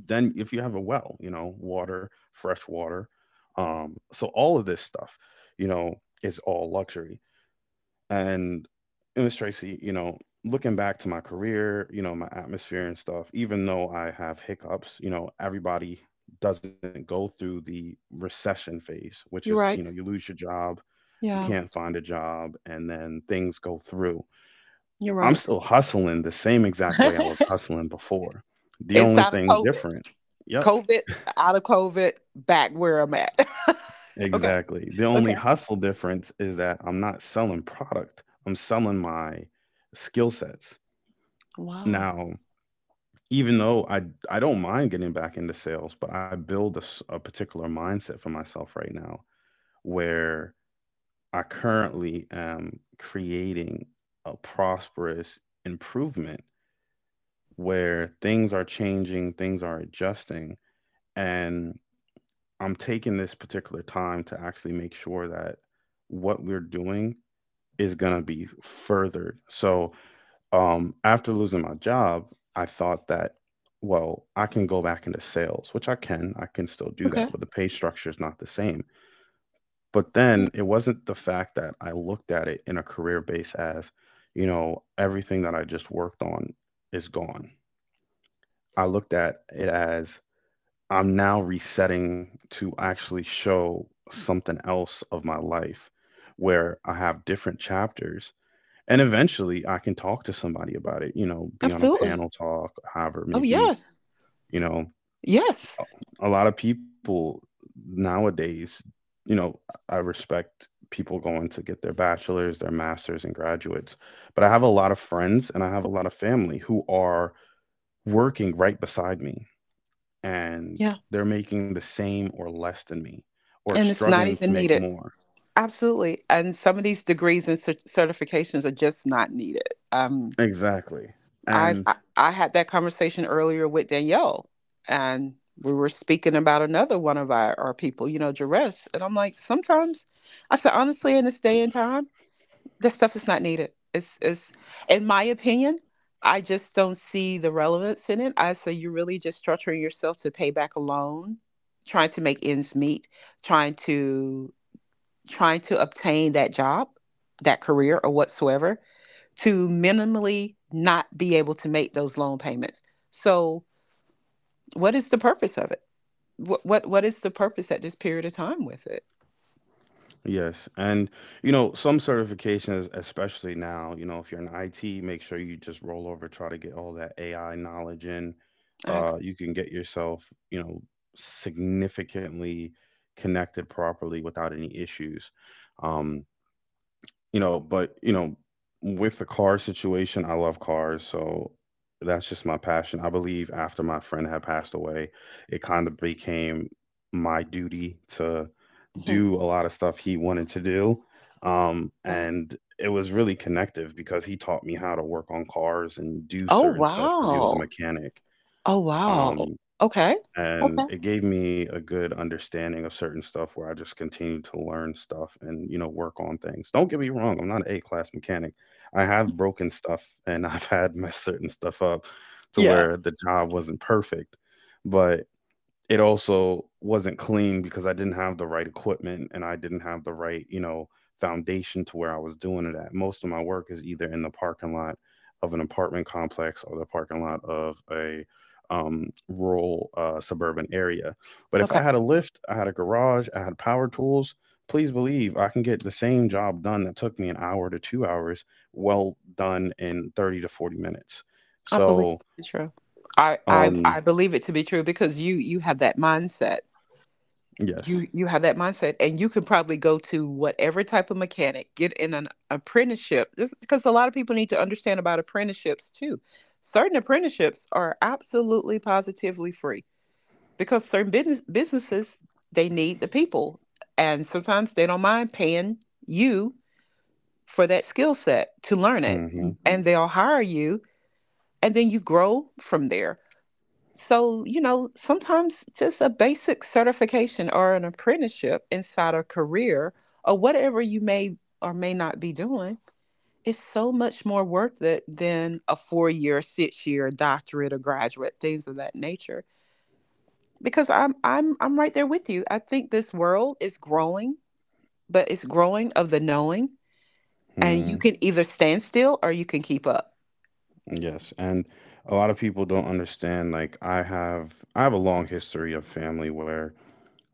S1: then if you have a well, you know, water, fresh water. So all of this stuff, you know, is all luxury. And and Miss Tracy, you know, looking back to my career, you know, my atmosphere and stuff, even though I have hiccups, you know, everybody doesn't go through the recession phase, which is,
S2: You're
S1: you know, you
S2: right.
S1: lose your job, you
S2: Yeah,
S1: can't find a job, and then things go through.
S2: you're
S1: I'm
S2: right.
S1: still hustling the same exact way I was
S2: (laughs)
S1: hustling before. The only
S2: Inside of
S1: thing
S2: COVID.
S1: different, yep,
S2: COVID, out of COVID, back where I'm at. (laughs) Okay.
S1: exactly. The only
S2: Okay.
S1: hustle difference is that I'm not selling product. I'm selling my skill sets.
S2: Wow.
S1: Now, even though I don't mind getting back into sales, but I build a, a particular mindset for myself right now where I currently am creating a prosperous improvement where things are changing, things are adjusting, and I'm taking this particular time to actually make sure that what we're doing is going to be furthered. So, after losing my job, I thought that, well, I can go back into sales, which I can. I can still do that,
S2: Okay.
S1: but the pay structure is not the same. But then it wasn't the fact that I looked at it in a career base as, you know, everything that I just worked on is gone. I looked at it as I'm now resetting to actually show something else of my life where I have different chapters and eventually I can talk to somebody about it, you know, be on a
S2: Absolutely.
S1: panel talk, however it
S2: Oh,
S1: may be.
S2: yes.
S1: You know,
S2: Yes.
S1: a lot of people nowadays, you know, I respect people going to get their bachelor's, their master's, and graduates. But I have a lot of friends and I have a lot of family who are working right beside me
S2: Yeah.
S1: and they're making the same or less than me or
S2: And it's not
S1: struggling to
S2: even
S1: make
S2: needed.
S1: more.
S2: Absolutely. And some of these degrees and certifications are just not needed. Um,
S1: Exactly. And
S2: I had that conversation earlier with Danielle, and we were speaking about another one of our people, you know, Jerez. And I'm like, sometimes, I said, honestly, in this day and time, that stuff is not needed. It's in my opinion, I just don't see the relevance in it. I say you're really just structuring yourself to pay back a loan, trying to make ends meet, trying to trying to obtain that job, that career or whatsoever, to minimally not be able to make those loan payments. So what is the purpose of it? What is the purpose at this period of time with it?
S1: yes. And, you know, some certifications, especially now, you know, if you're in IT, make sure you just roll over, try to get all that AI knowledge in.
S2: I.
S1: You can get yourself, you know, significantly connected properly without any issues. Um, you know, but, you know, with the car situation, I love cars. So that's just my passion. I believe after my friend had passed away, it kind of became my duty
S2: Mhm.
S1: do a lot of stuff he wanted to do.
S2: Uh,
S1: And it was really connective because he taught me how to work on cars and do
S2: oh
S1: certain stuff because he was a
S2: wow.
S1: mechanic.
S2: Oh wow.
S1: Um,
S2: Okay.
S1: and
S2: Okay.
S1: it gave me a good understanding of certain stuff where I just continued to learn stuff and, you know, work on things. Don't get me wrong, I'm not an A class mechanic. I have broken stuff and (laughs) I've had messed certain stuff up to
S2: Yeah.
S1: where the job wasn't perfect. But it also wasn't clean because I didn't have the right equipment and I didn't have the right, you know, foundation to where I was doing it at. Most of my work is either in the parking lot of an apartment complex or the parking lot of a rural suburban area. But if
S2: Okay.
S1: I had a lift, I had a garage, I had power tools, please believe I can get the same job done that took me an hour to 2 hours well done in 30 to 40 minutes.
S2: I believe it
S1: So,
S2: to be true. I
S1: um,
S2: believe it to be true because you have that mindset.
S1: yes.
S2: You have that mindset, and you can probably go to whatever type of mechanic, get in an apprenticeship. This because a lot of people need to understand about apprenticeships too. Certain apprenticeships are absolutely positively free because certain businesses, they need the people, and sometimes they don't mind paying you for that skill set to learn it,
S1: Hmm.
S2: mhm, and they'll hire you and then you grow from there. So, you know, sometimes just a basic certification or an apprenticeship inside a career or whatever you may or may not be doing is so much more worth it than a four-year, six-year doctorate or graduate, things of that nature. Because I'm right there with you. I think this world is growing, but it's growing of the knowing, and you can either stand still or you can keep up.
S1: Yes, and a lot of people don't understand. Like I have a long history of family where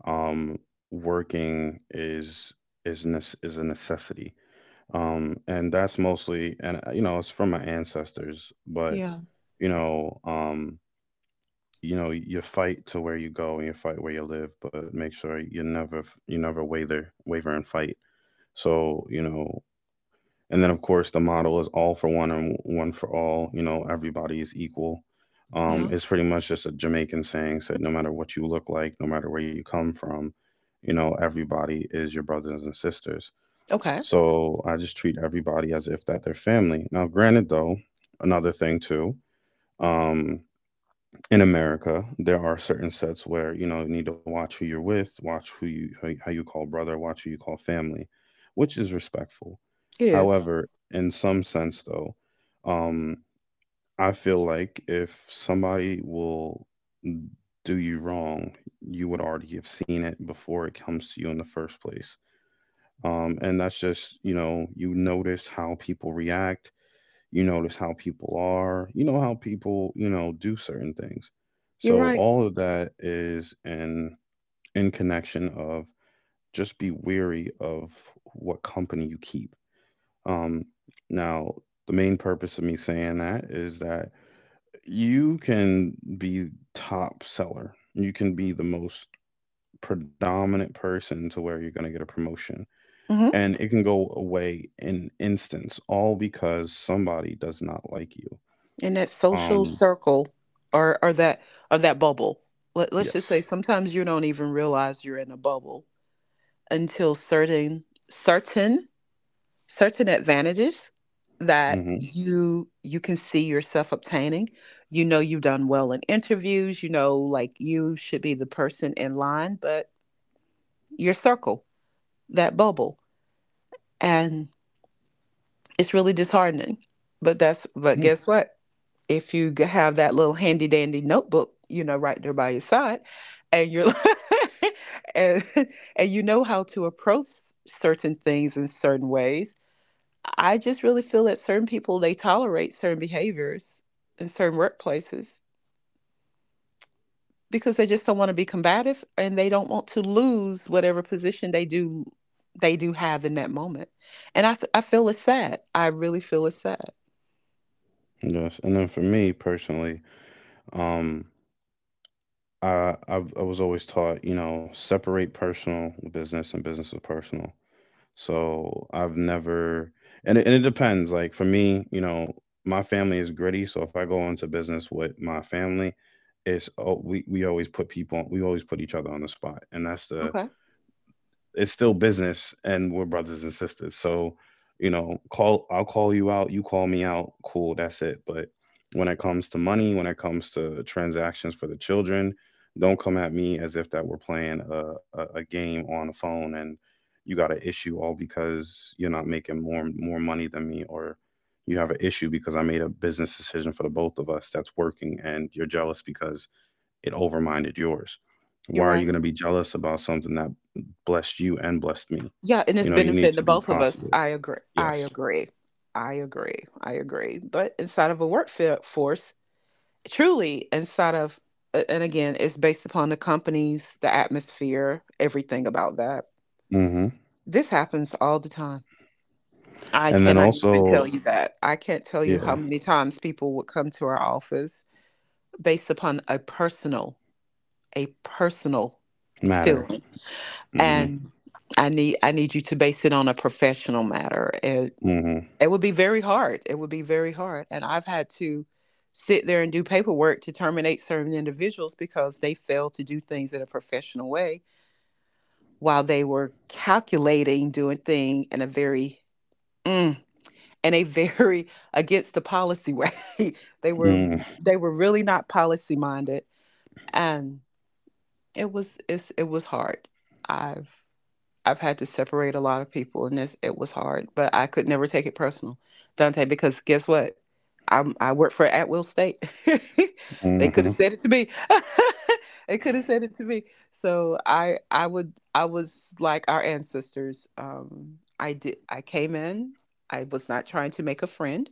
S1: um working is is a necessity. And that's mostly. And you know, it's from my ancestors, but
S2: Yeah.
S1: you know, you know, you fight to where you go and you fight where you live, but make sure you never f- you never waver and fight. So, you know, and then, of course, the model is all for one and one for all. You know, everybody is equal.
S2: Yeah.
S1: It's pretty much just a Jamaican saying, said no matter what you look like, no matter where you come from, you know, everybody is your brothers and sisters.
S2: Okay.
S1: So I just treat everybody as if that they're family. Now, granted, though, another thing too, um, in America, there are certain sets where you know you need to watch who you're with, watch who you how, how you call brother, watch who you call family, which is respectful.
S2: It is.
S1: However, in some sense though, um, I feel like if somebody will do you wrong, you would already have seen it before it comes to you in the first place. And that's just, you know, you notice how people react, you notice how people are. You know how people, you know, do certain things.
S2: You're
S1: So
S2: right.
S1: all of that is in connection of just be weary of what company you keep. Um, Now, the main purpose of me saying that is that you can be top seller. You can be the most predominant person to where you're going to get a promotion.
S2: Hmm.
S1: And it can go away in instance, all because somebody does not like you.
S2: In that social
S1: Um,
S2: circle, or or that bubble. Let, let's just say
S1: Yes.
S2: sometimes you don't even realize you're in a bubble until certain certain advantages that
S1: Mm-hmm.
S2: you can see yourself obtaining. You know you've done well in interviews, you know like you should be the person in line, but your circle, that bubble, and it's really disheartening. But that's,
S1: Mm.
S2: but guess what? If you have that little handy dandy notebook, you know, right there by your side, and you're (laughs) and and you know how to approach certain things in certain ways. I just really feel that certain people they tolerate certain behaviors in certain workplaces because they just don't want to be combative and they don't want to lose whatever position they do have in that moment. And I feel it's sad. I really feel it's sad.
S1: Yes. And then for me personally, um, I was always taught, you know, separate personal business and business is personal. So I've never, and it depends. Like for me, you know, my family is gritty. So if I go into business with my family, it's, oh, we always put people, we always put each other on the spot, and that's the,
S2: Okay,
S1: it's still business and we're brothers and sisters. So, you know, call I'll call you out, you call me out, cool, that's it. But when it comes to money, when it comes to transactions for the children, don't come at me as if that we're playing a game on a phone and you got an issue all because you're not making more money than me, or you have an issue because I made a business decision for the both of us that's working and you're jealous because it overminded yours.
S2: you're
S1: Why are you
S2: right.
S1: going to be jealous about something that blessed you and blessed me?
S2: Yeah, and
S1: You
S2: it's
S1: know, you need
S2: benefiting
S1: to
S2: the
S1: be
S2: both of us.
S1: positive.
S2: I agree. I
S1: Yes.
S2: agree. I agree. I agree. But inside of a workforce, truly inside of, and again, it's based upon the companies, the atmosphere, everything about that.
S1: Hmm.
S2: This happens all the time. I
S1: And then
S2: cannot even tell
S1: also,
S2: you that. I can't tell you how
S1: yeah,
S2: many times people would come to our office based upon a personal
S1: matter.
S2: feeling.
S1: Hmm.
S2: And I need you to base it on a professional matter.
S1: Hmm.
S2: It would be very hard. It would be very hard. And I've had to sit there and do paperwork to terminate certain individuals because they failed to do things in a professional way while they were calculating doing thing in a very, mm, in a very (laughs) against the policy way. (laughs) They were,
S1: Hmm.
S2: they were really not policy minded, and it was hard. I've. I've had to separate a lot of people, and this it was hard, but I could never take it personal, Dante, because guess what? I work for At Will State. (laughs) They could have
S1: Hmm.
S2: said it to me. (laughs) They could have said it to me. So I was like our ancestors. I came in. I was not trying to make a friend.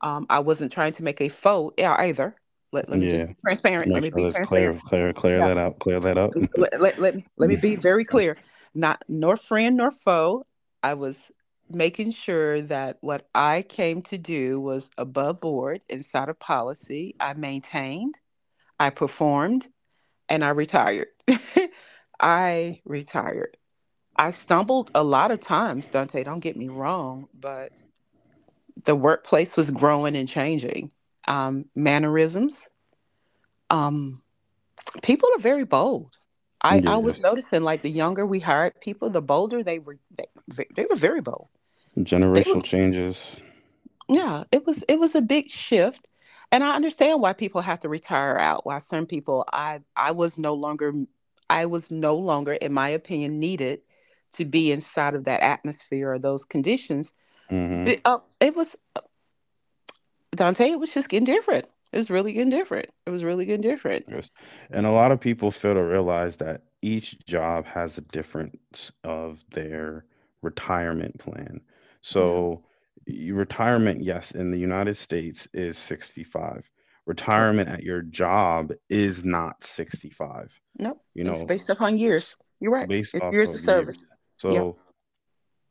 S2: I wasn't trying to make a foe, yeah, either. Let let me
S1: Yeah.
S2: just be transparent. Let
S1: Make
S2: me
S1: sure
S2: be
S1: that's clear,
S2: transparent.
S1: clear, clear
S2: Yeah.
S1: that out, clear that up.
S2: Let me be very clear, not nor friend nor foe. I was making sure that what I came to do was above board inside of policy. I maintained, I performed, and I retired. (laughs) I retired. I stumbled a lot of times, Dante, don't get me wrong, but the workplace was growing and changing. Um, mannerisms, um, people are very bold.
S1: (laughs)
S2: I
S1: Yes.
S2: was noticing like the younger we hired people, the bolder they were. They were very bold. They were,
S1: Generational changes.
S2: yeah. It was a big shift, and I understand why people have to retire out. Why some people I was no longer. I was no longer, in my opinion, needed to be inside of that atmosphere or those conditions.
S1: Hmm.
S2: But, it was Dante. It was just getting different. It was really getting different. It was really getting different.
S1: Yes. And a lot of people fail to realize that each job has a difference of their retirement plan.
S2: No,
S1: So, retirement, yes, in the United States is 65.
S2: correct.
S1: Retirement at your job is not 65,
S2: No,
S1: you
S2: it's
S1: know,
S2: based upon years. You're
S1: based
S2: right.
S1: off of
S2: It's years
S1: years.
S2: of service.
S1: So,
S2: Yep,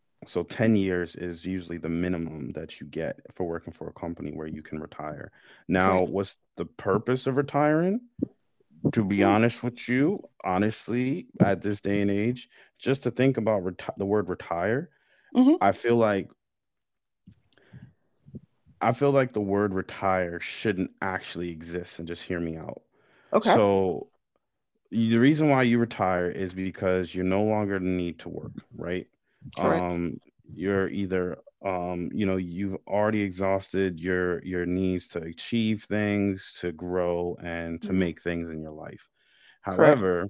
S1: so 10 years is usually the minimum that you get for working for a company where you can retire. Now,
S2: correct.
S1: what's the purpose of retiring? To be honest with you, honestly, at this day and age, just to think about the word retire,
S2: Hmm
S1: I feel like, I feel like the word retire shouldn't actually exist. And just hear me out.
S2: Okay.
S1: So the reason why you retire is because you no longer need to work, right?
S2: Correct.
S1: Um, you're either you know, you've already exhausted your needs to achieve things, to grow, and to
S2: Mhm.
S1: make things in your life.
S2: Correct.
S1: However,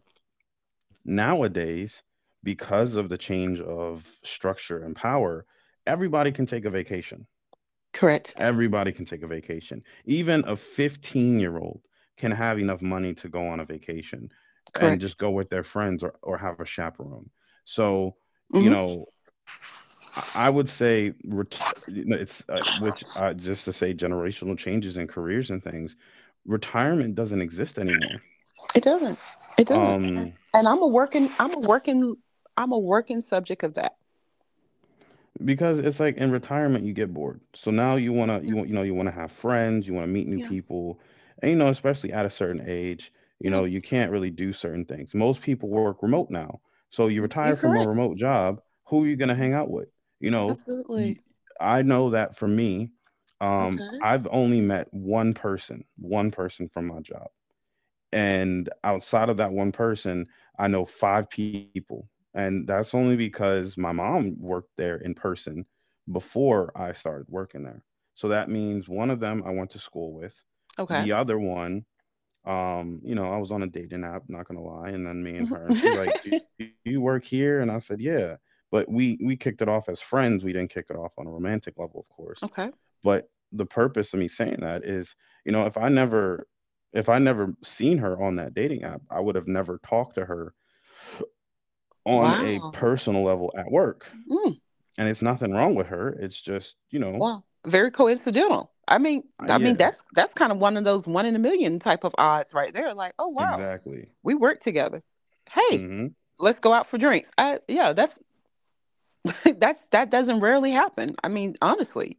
S1: nowadays, because of the change of structure and power, everybody can take a vacation.
S2: Correct.
S1: Everybody can take a vacation. Even a 15-year-old year old can have enough money to go on a vacation and
S2: Correct.
S1: just go with their friends, or have a chaperone. So, you
S2: Hmm
S1: know, I would say you know, it's which just to say generational changes in careers and things. Retirement doesn't exist anymore.
S2: It doesn't. It doesn't. And
S1: Um,
S2: And I'm a working. I'm a working. I'm a working subject of that.
S1: Because it's like in retirement you get bored. So now you wanna, you
S2: Yeah.
S1: want, you know, you wanna have friends, you wanna meet new
S2: Yeah.
S1: people, and you know, especially at a certain age, you
S2: Yeah.
S1: know, you can't really do certain things. Most people work remote now, so you retire
S2: You're
S1: from a
S2: correct.
S1: remote job. Who are you gonna
S2: Yeah.
S1: hang out with? You know, you,
S2: Absolutely.
S1: I know that for me,
S2: Okay.
S1: I've only met one person from my job. And outside of that one person, I know 5 people. And that's only because my mom worked there in person before I started working there. So that means one of them I went to school with.
S2: Okay.
S1: The other one, you know, I was on a dating app, not gonna lie, and then me and
S2: hmm
S1: her, and she's like, "Do
S2: (laughs)
S1: you work here?" And I said, "Yeah." But we kicked it off as friends. We didn't kick it off on a romantic level, of course.
S2: Okay.
S1: But the purpose of me saying that is, you know, if I never seen her on that dating app, I would have never talked to her on a personal
S2: Wow.
S1: level at work.
S2: Mm,
S1: And it's nothing wrong with her. It's just, you know,
S2: wow. Very coincidental.
S1: I,
S2: I mean
S1: yeah,
S2: that's kind of one of those one in a million type of odds right there. Like, oh wow,
S1: exactly.
S2: we work together. Hey,
S1: Hmm.
S2: let's go out for drinks. I, yeah, that's (laughs) that's that doesn't rarely happen. I mean, honestly,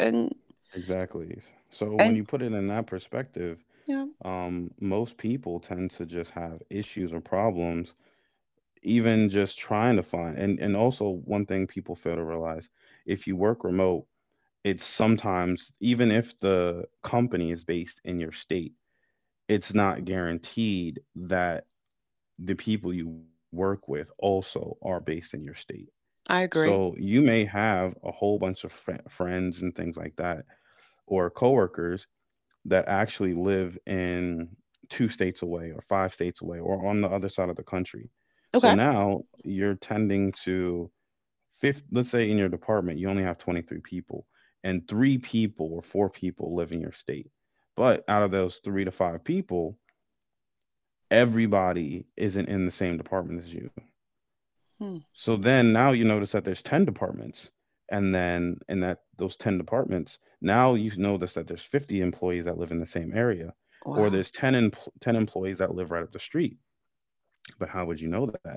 S2: and
S1: Exactly. So when
S2: and
S1: you put it in that perspective,
S2: yeah,
S1: most people tend to just have issues or problems, even just trying to find. And also one thing people fail to realize, if you work remote, it's sometimes even if the company is based in your state, it's not guaranteed that the people you work with also are based in your state,
S2: I
S1: so
S2: agree.
S1: you may have a whole bunch of friends and things like that, or coworkers that actually live in two states away or 5 states away or on the other side of the country. So
S2: Okay.
S1: now you're tending to fifth, let's say in your department you only have 23 people, and 3 people or 4 people live in your state, but out of those 3 to 5 people, everybody isn't in the same department as you.
S2: Hmm.
S1: So then now you notice that there's 10 departments, and then in that those 10 departments, now you notice that there's 50 employees that live in the same area, or
S2: Wow.
S1: there's 10 empl 10 employees that live right up the street, but how would you know that?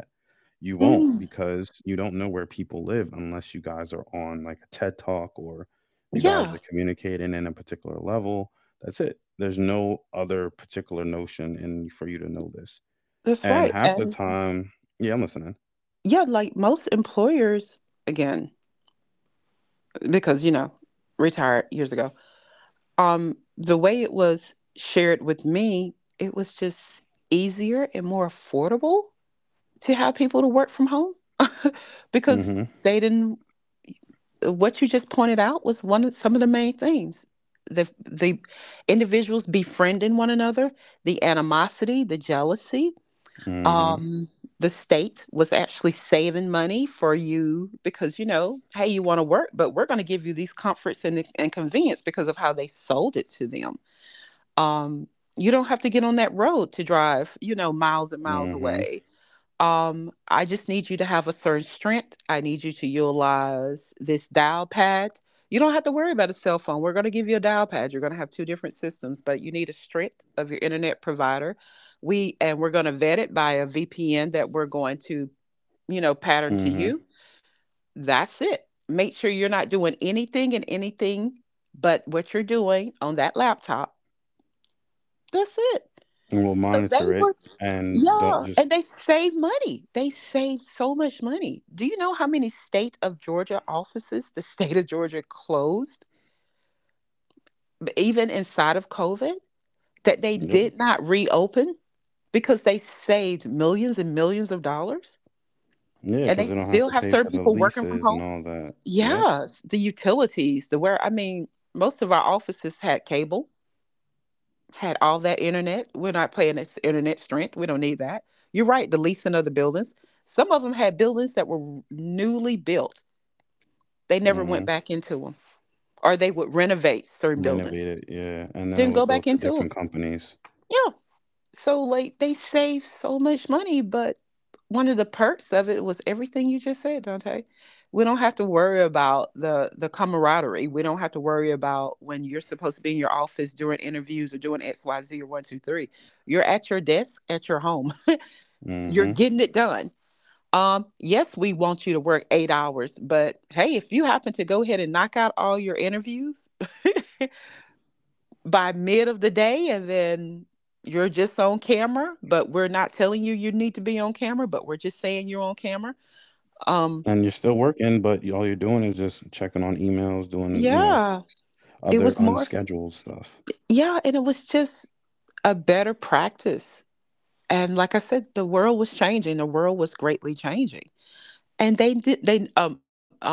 S1: You won't,
S2: Hmm.
S1: because you don't know where people live unless you guys are on like a TED Talk or you guys
S2: Yeah,
S1: are communicating in a particular level. That's it. There's no other particular notion in for you to know this.
S2: that's
S1: And
S2: right.
S1: half the
S2: And
S1: time, yeah, I'm listening.
S2: yeah, like most employers, again, because retired years ago. The way it was shared with me, it was just easier and more affordable to have people to work from home (laughs)
S1: Mm-hmm.
S2: because they didn't. What you just pointed out was one of some of the main things, the individuals befriending one another, the animosity, the jealousy,
S1: Mm-hmm.
S2: um the state was actually saving money for you because, hey, you want to work, but we're going to give you these comforts and convenience because of how they sold it to them. um you don't have to get on that road to drive, miles and miles
S1: Mm-hmm.
S2: away. I just need you to have a certain strength. I need you to utilize this dial pad. You don't have to worry about a cell phone. We're going to give you a dial pad. You're going to have two different systems, but you need a strength of your internet provider. We're going to vet it by a VPN that we're going to, pattern
S1: Mm-hmm.
S2: to you. That's it. Make sure you're not doing anything and anything but what you're doing on that laptop. That's it.
S1: And we'll
S2: So they
S1: monitor
S2: were,
S1: it and don't
S2: yeah,
S1: just.
S2: and they save money. They save so much money. Do you know how many state of Georgia offices the (laughs) state of Georgia closed, even inside of COVID, that they
S1: Yep.
S2: did not reopen because they saved millions and millions of dollars?
S1: Yeah,
S2: And
S1: because
S2: they
S1: they don't have
S2: still
S1: to
S2: have
S1: pay
S2: certain
S1: for the
S2: people working from
S1: leases and
S2: home?
S1: all that. Yep.
S2: Yes, the utilities, the where, I mean, most of our offices had cable, had all that internet. We're not playing this internet strength. We don't need that. You're right. The leasing of the buildings. Some of them had buildings that were newly built. They never went
S1: Mm-hmm.
S2: back into them, or they would renovate certain
S1: Renovate
S2: buildings,
S1: it, yeah. And then it
S2: didn't
S1: would
S2: go
S1: go
S2: back
S1: to
S2: into them.
S1: different companies.
S2: Yeah. So like they saved so much money, but one of the perks of it was everything you just said, Dante. We don't have to worry about the camaraderie. We don't have to worry about when you're supposed to be in your office doing interviews or doing X, Y, Z or one, two, three. You're at your desk at your home. (laughs) You're
S1: Hmm.
S2: getting it done. Yes, we want you to work 8 hours, but hey, if you happen to go ahead and knock out all your interviews by mid of the day, and then you're just on camera, but we're not telling you you need to be on camera, but we're just saying you're on camera.
S1: And you're
S2: um
S1: still working, but all you're doing is just checking on emails, doing, you know,
S2: yeah, it
S1: other
S2: was more,
S1: unscheduled stuff.
S2: yeah, and it was just a better practice. And like I said, the world was changing, the world was greatly changing. And they did, they, what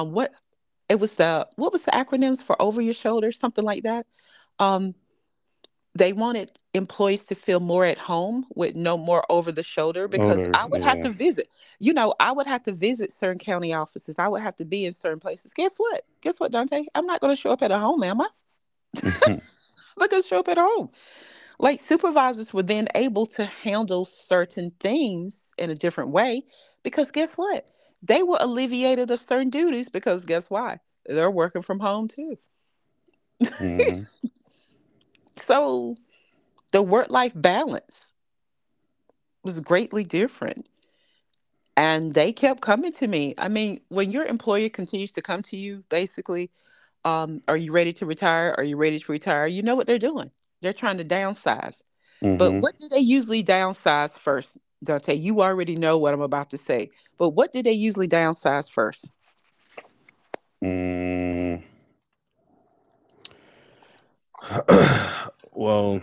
S2: it was, the what was the acronyms for over your shoulder, something like that, um. they wanted employees to feel more at home with no more over the shoulder, because
S1: Odor,
S2: I would have
S1: yeah.
S2: to visit. You know, I would have to visit certain county offices. I would have to be in certain places. Guess what? Guess what, Dante? I'm not going to show up at a home, am I? I'm
S1: (laughs)
S2: not going to show up at home. Like supervisors were then able to handle certain things in a different way, because guess what? They were alleviated of certain duties because guess why? They're working from home too.
S1: Mm-hmm.
S2: So the work life balance was greatly different, and they kept coming to me. I mean, when your employer continues to come to you, basically, are you ready to retire? Are you ready to retire? You know what they're doing. They're trying to downsize. But
S1: Mm-hmm.
S2: what do they usually downsize first, Dante? You already know what I'm about to say. But what do they usually downsize first?
S1: Mm. (clears throat) Well,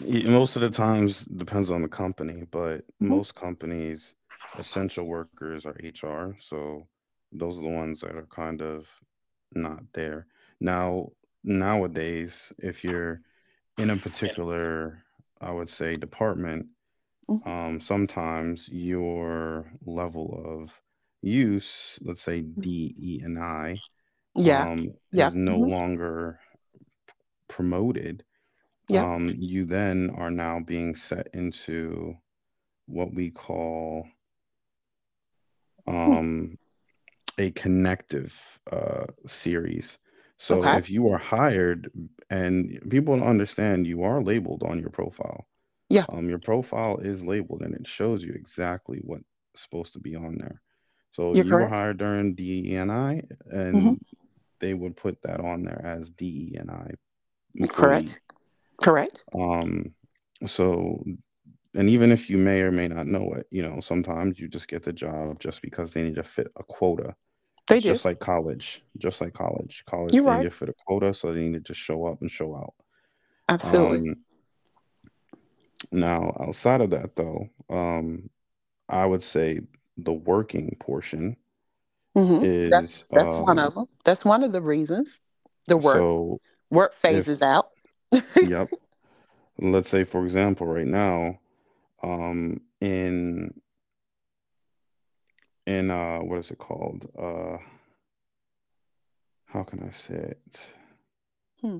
S1: most of the times depends on the company, but
S2: Hmm.
S1: most companies, essential workers are HR, so those are the ones that are kind of not there. Now, nowadays, if you're in a particular, I would say, department,
S2: Hmm.
S1: sometimes your level of use, let's say D, E, and I,
S2: Yeah. Yeah.
S1: is no
S2: Hmm.
S1: longer promoted.
S2: Yeah.
S1: You then are now being set into what we call
S2: Hmm,
S1: um, a connective series. So
S2: okay.
S1: if you are hired, and people don't understand, you are labeled on your profile.
S2: Yeah.
S1: Your profile is labeled and it shows you exactly what's supposed to be on there. So
S2: You're
S1: you were
S2: correct.
S1: hired during DEI, and I,
S2: Hmm.
S1: and they would put that on there as DEI employee.
S2: Correct. Correct.
S1: Um, so, and even if you may or may not know it, you know, sometimes you just get the job just because they need to fit a quota. It's
S2: They do.
S1: just like college, just like college. College,
S2: You're
S1: they need
S2: right.
S1: to fit a quota, so they need to just show up and show out.
S2: Absolutely.
S1: Um, now, outside of that, though, I would say the working portion
S2: Hmm.
S1: is
S2: That's one of them. That's one of the reasons. The work
S1: so
S2: work
S1: if
S2: phases out.
S1: yep, let's say for example right now um in in what is it called? How can I say it?
S2: Hmm.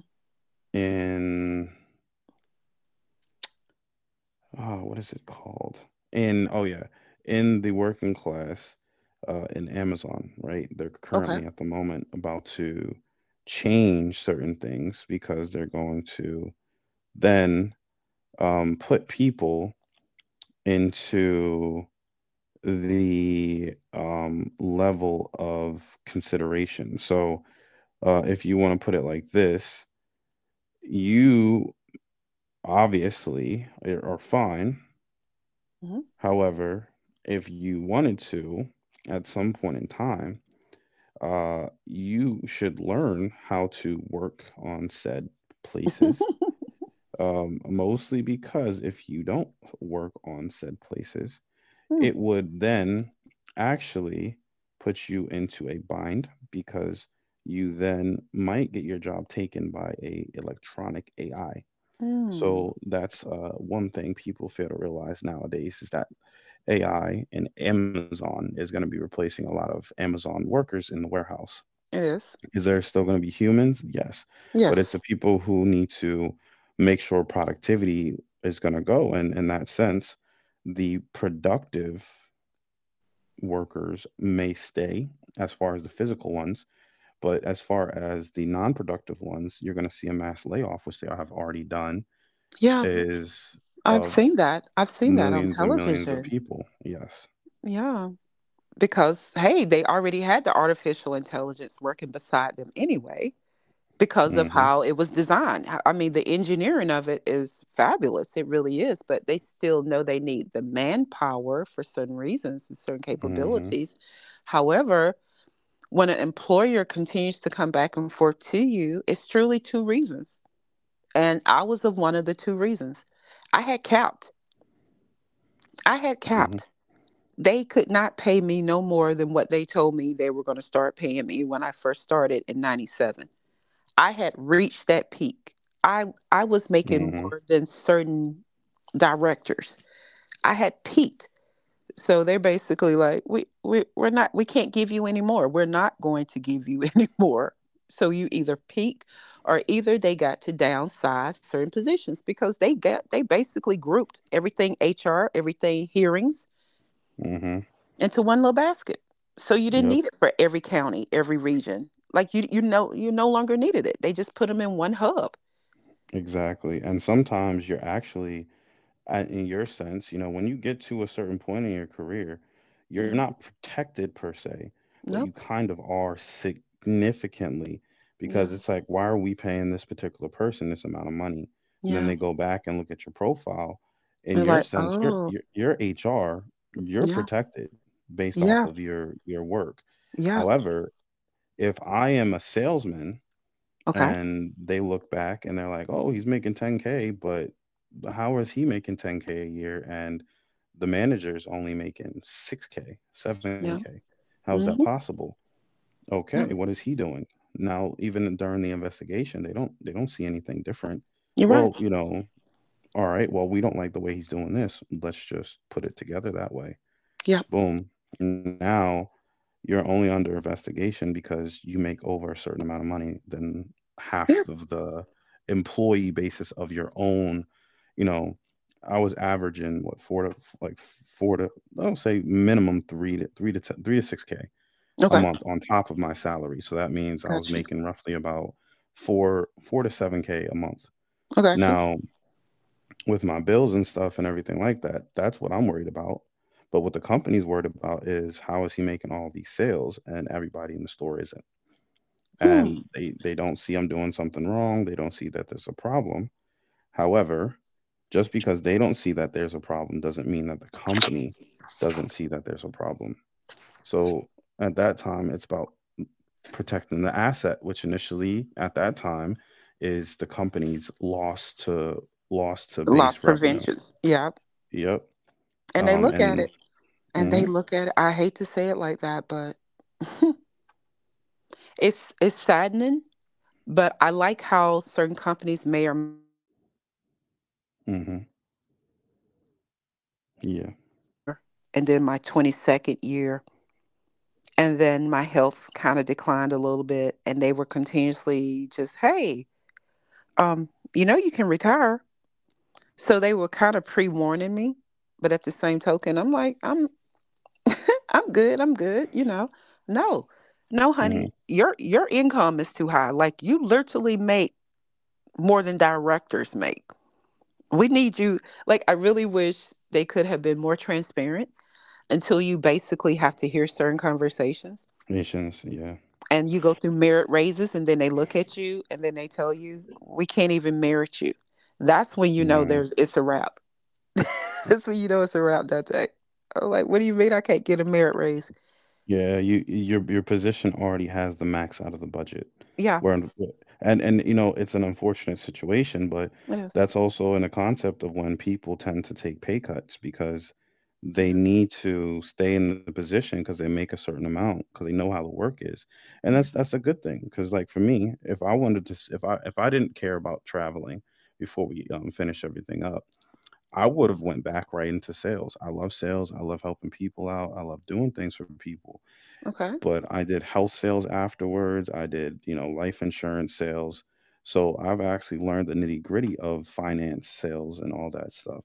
S1: In what is it called? In oh yeah, in the working class in Amazon, right? They're
S2: Okay.
S1: currently at the moment about to change certain things because they're going to then put people into the level of consideration. So, if you want to put it like this, you obviously are fine.
S2: Mm-hmm.
S1: However, if you wanted to, at some point in time, you should learn how to work on said places. Mostly because if you don't work on said places, it would then actually put you into a bind because you then might get your job taken by a electronic AI.
S2: Mm.
S1: So
S2: (laughs)
S1: that's one thing people fail to realize nowadays is that AI and Amazon is going to be replacing a lot of Amazon workers in the warehouse.
S2: It is.
S1: Is there still going to be humans? Yes. But it's
S2: Yes.
S1: the people who need to make sure productivity is going to go. And in that sense, the productive workers may stay as far as the physical ones. But as far as the non productive ones, you're going to see a mass layoff, which they have already done,
S2: Yeah,
S1: is
S2: I've
S1: of
S2: seen that. I've seen that on
S1: millions and millions of
S2: television.
S1: people. Yes.
S2: Yeah, because hey, they already had the artificial intelligence working beside them anyway, because of
S1: Mm-hmm.
S2: how it was designed. I mean, the engineering of it is fabulous. It really is, but they still know they need the manpower for certain reasons and certain
S1: Mm-hmm.
S2: capabilities. However, when an employer continues to come back and forth to you, it's truly two reasons. And I was of one of the two reasons. I had capped. I had
S1: Mm-hmm.
S2: capped. They could not pay me no more than what they told me they were going to start paying me when I first started in 97. I had reached that peak. I was
S1: Mm-hmm.
S2: making more than certain directors. I had peaked. So they're basically like, we're not, we can't give you any more. We're not going to give you (laughs) any more. So you either peak or either they got to downsize certain positions, because they got, they basically grouped everything HR, everything hearings
S1: Mm-hmm.
S2: into one little basket. So you didn't
S1: Yep.
S2: need it for every county, every region. Like you know you no longer needed it. They just put them in one hub.
S1: Exactly. And sometimes you're actually, in your sense, you know, when you get to a certain point in your career, you're
S2: Yeah.
S1: not protected per se, but you
S2: Nope.
S1: kind of are significantly because
S2: Yeah.
S1: it's like, why are we paying this particular person this amount of money? And then
S2: Yeah.
S1: they go back and look at your profile. In
S2: We're
S1: your
S2: like,
S1: sense, your
S2: oh,
S1: your, your HR, you're
S2: yeah,
S1: protected based off
S2: yeah,
S1: of your work.
S2: yeah.
S1: However, if I am a salesman
S2: Okay.
S1: and they look back and they're like, "Oh, he's making 10k, but how is he making 10k a year and the manager's only making 6k, 7k?
S2: Yeah.
S1: How is that
S2: Mm-hmm.
S1: possible?" Okay,
S2: Yeah.
S1: what is he doing? Now, even during the investigation, they don't see anything different.
S2: You're right.
S1: Well, you know, all right, well, we don't like the way he's doing this. Let's just put it together that way.
S2: Yeah.
S1: Boom. Now you're only under investigation because you make over a certain amount of money than
S2: Yeah.
S1: half of the employee basis of your own, you know. I was averaging what, four to, like, four to, I would say minimum three to three to six k a
S2: Okay.
S1: month on top of my salary. So that means I was
S2: Got you.
S1: making roughly about four to seven k a month
S2: I got you.
S1: now with my bills and stuff and everything like that. That's what I'm worried about. But what the company's worried about is how is he making all these sales and everybody in the store isn't.
S2: Hmm.
S1: And they don't see I'm doing something wrong. They don't see that there's a problem. However, just because they don't see that there's a problem doesn't mean that the company doesn't see that there's a problem. So at that time, it's about protecting the asset, which initially at that time is the company's loss to
S2: Loss
S1: base revenue.
S2: preventions. Yeah.
S1: Yep.
S2: And they
S1: Um,
S2: look at
S1: and
S2: it and they
S1: mhm,
S2: look at it. I hate to say it like that, but (laughs) it's saddening. But I like how certain companies may or may not do certain things. But I
S1: mhm,
S2: knew something was going on when they came to me on my
S1: yeah,
S2: 20th year, and then my 22nd year, and then my health kind of declined a little bit, and they were continuously just, hey, um you know, you can retire. So they were kind of pre-warning me, but at the same token, I'm like, I'm I'm good, I'm good, you know. No, no,
S1: mhm,
S2: honey, your income is too high. Like, you literally make more than directors make. We need you. Like, I really wish they could have been more transparent, until you basically have to hear certain conversations,
S1: nations, yeah,
S2: and you go through merit raises, and then they look at you and then they tell you we can't even merit you. That's when you know
S1: mhm,
S2: there's it's a wrap. (laughs) That's when you know it's a wrap, Dante. I'm like, what do you mean I can't get a merit raise?
S1: yeah. You, your position already has the max out of the budget.
S2: Yeah,
S1: Where And you know it's an unfortunate situation, but
S2: it is.
S1: that's also in a concept of when people tend to take pay cuts because they
S2: Yeah,
S1: need to stay in the position because they make a certain amount because they know how the work is, and
S2: yeah.
S1: that's a good thing. Because like for me, if I wanted to, if I didn't care about traveling before we finish everything up. I would have went back right into sales. I love sales. I love helping people out. I love doing things for people.
S2: Okay.
S1: But I did health sales afterwards. I did, you know, life insurance sales. So I've actually learned the nitty-gritty of finance, sales, and all that stuff.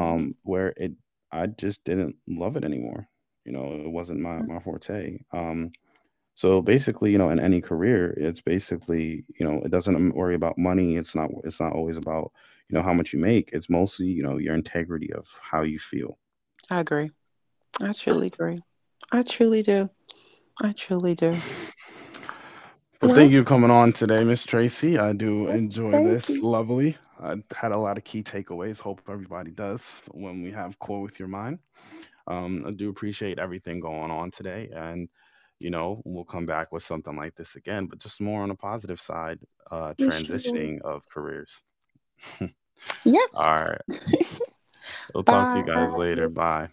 S2: Ooh.
S1: where it I just didn't love it anymore. You know, it wasn't my
S2: Mm.
S1: forte. So basically, you know, in any career, it's basically, you know, it doesn't worry about money. It's not always about, you know, how much you make. It's mostly, you know, your integrity of how you feel.
S2: I agree. I truly agree. I truly do. I truly do.
S1: Well, thank
S2: Well,
S1: you for coming on today, Miss Tracy. I do
S2: well,
S1: enjoy
S2: thank
S1: this.
S2: you
S1: Lovely. I had a lot of key takeaways. Hope everybody does when we have Core with Your Mind. I do appreciate everything going on today. And, you know, we'll come back with something like this again, but just more on the positive side,
S2: Michelle.
S1: transitioning of careers. (laughs) All
S2: Yes.
S1: right. We'll talk to you guys later.
S2: Bye.
S1: Bye.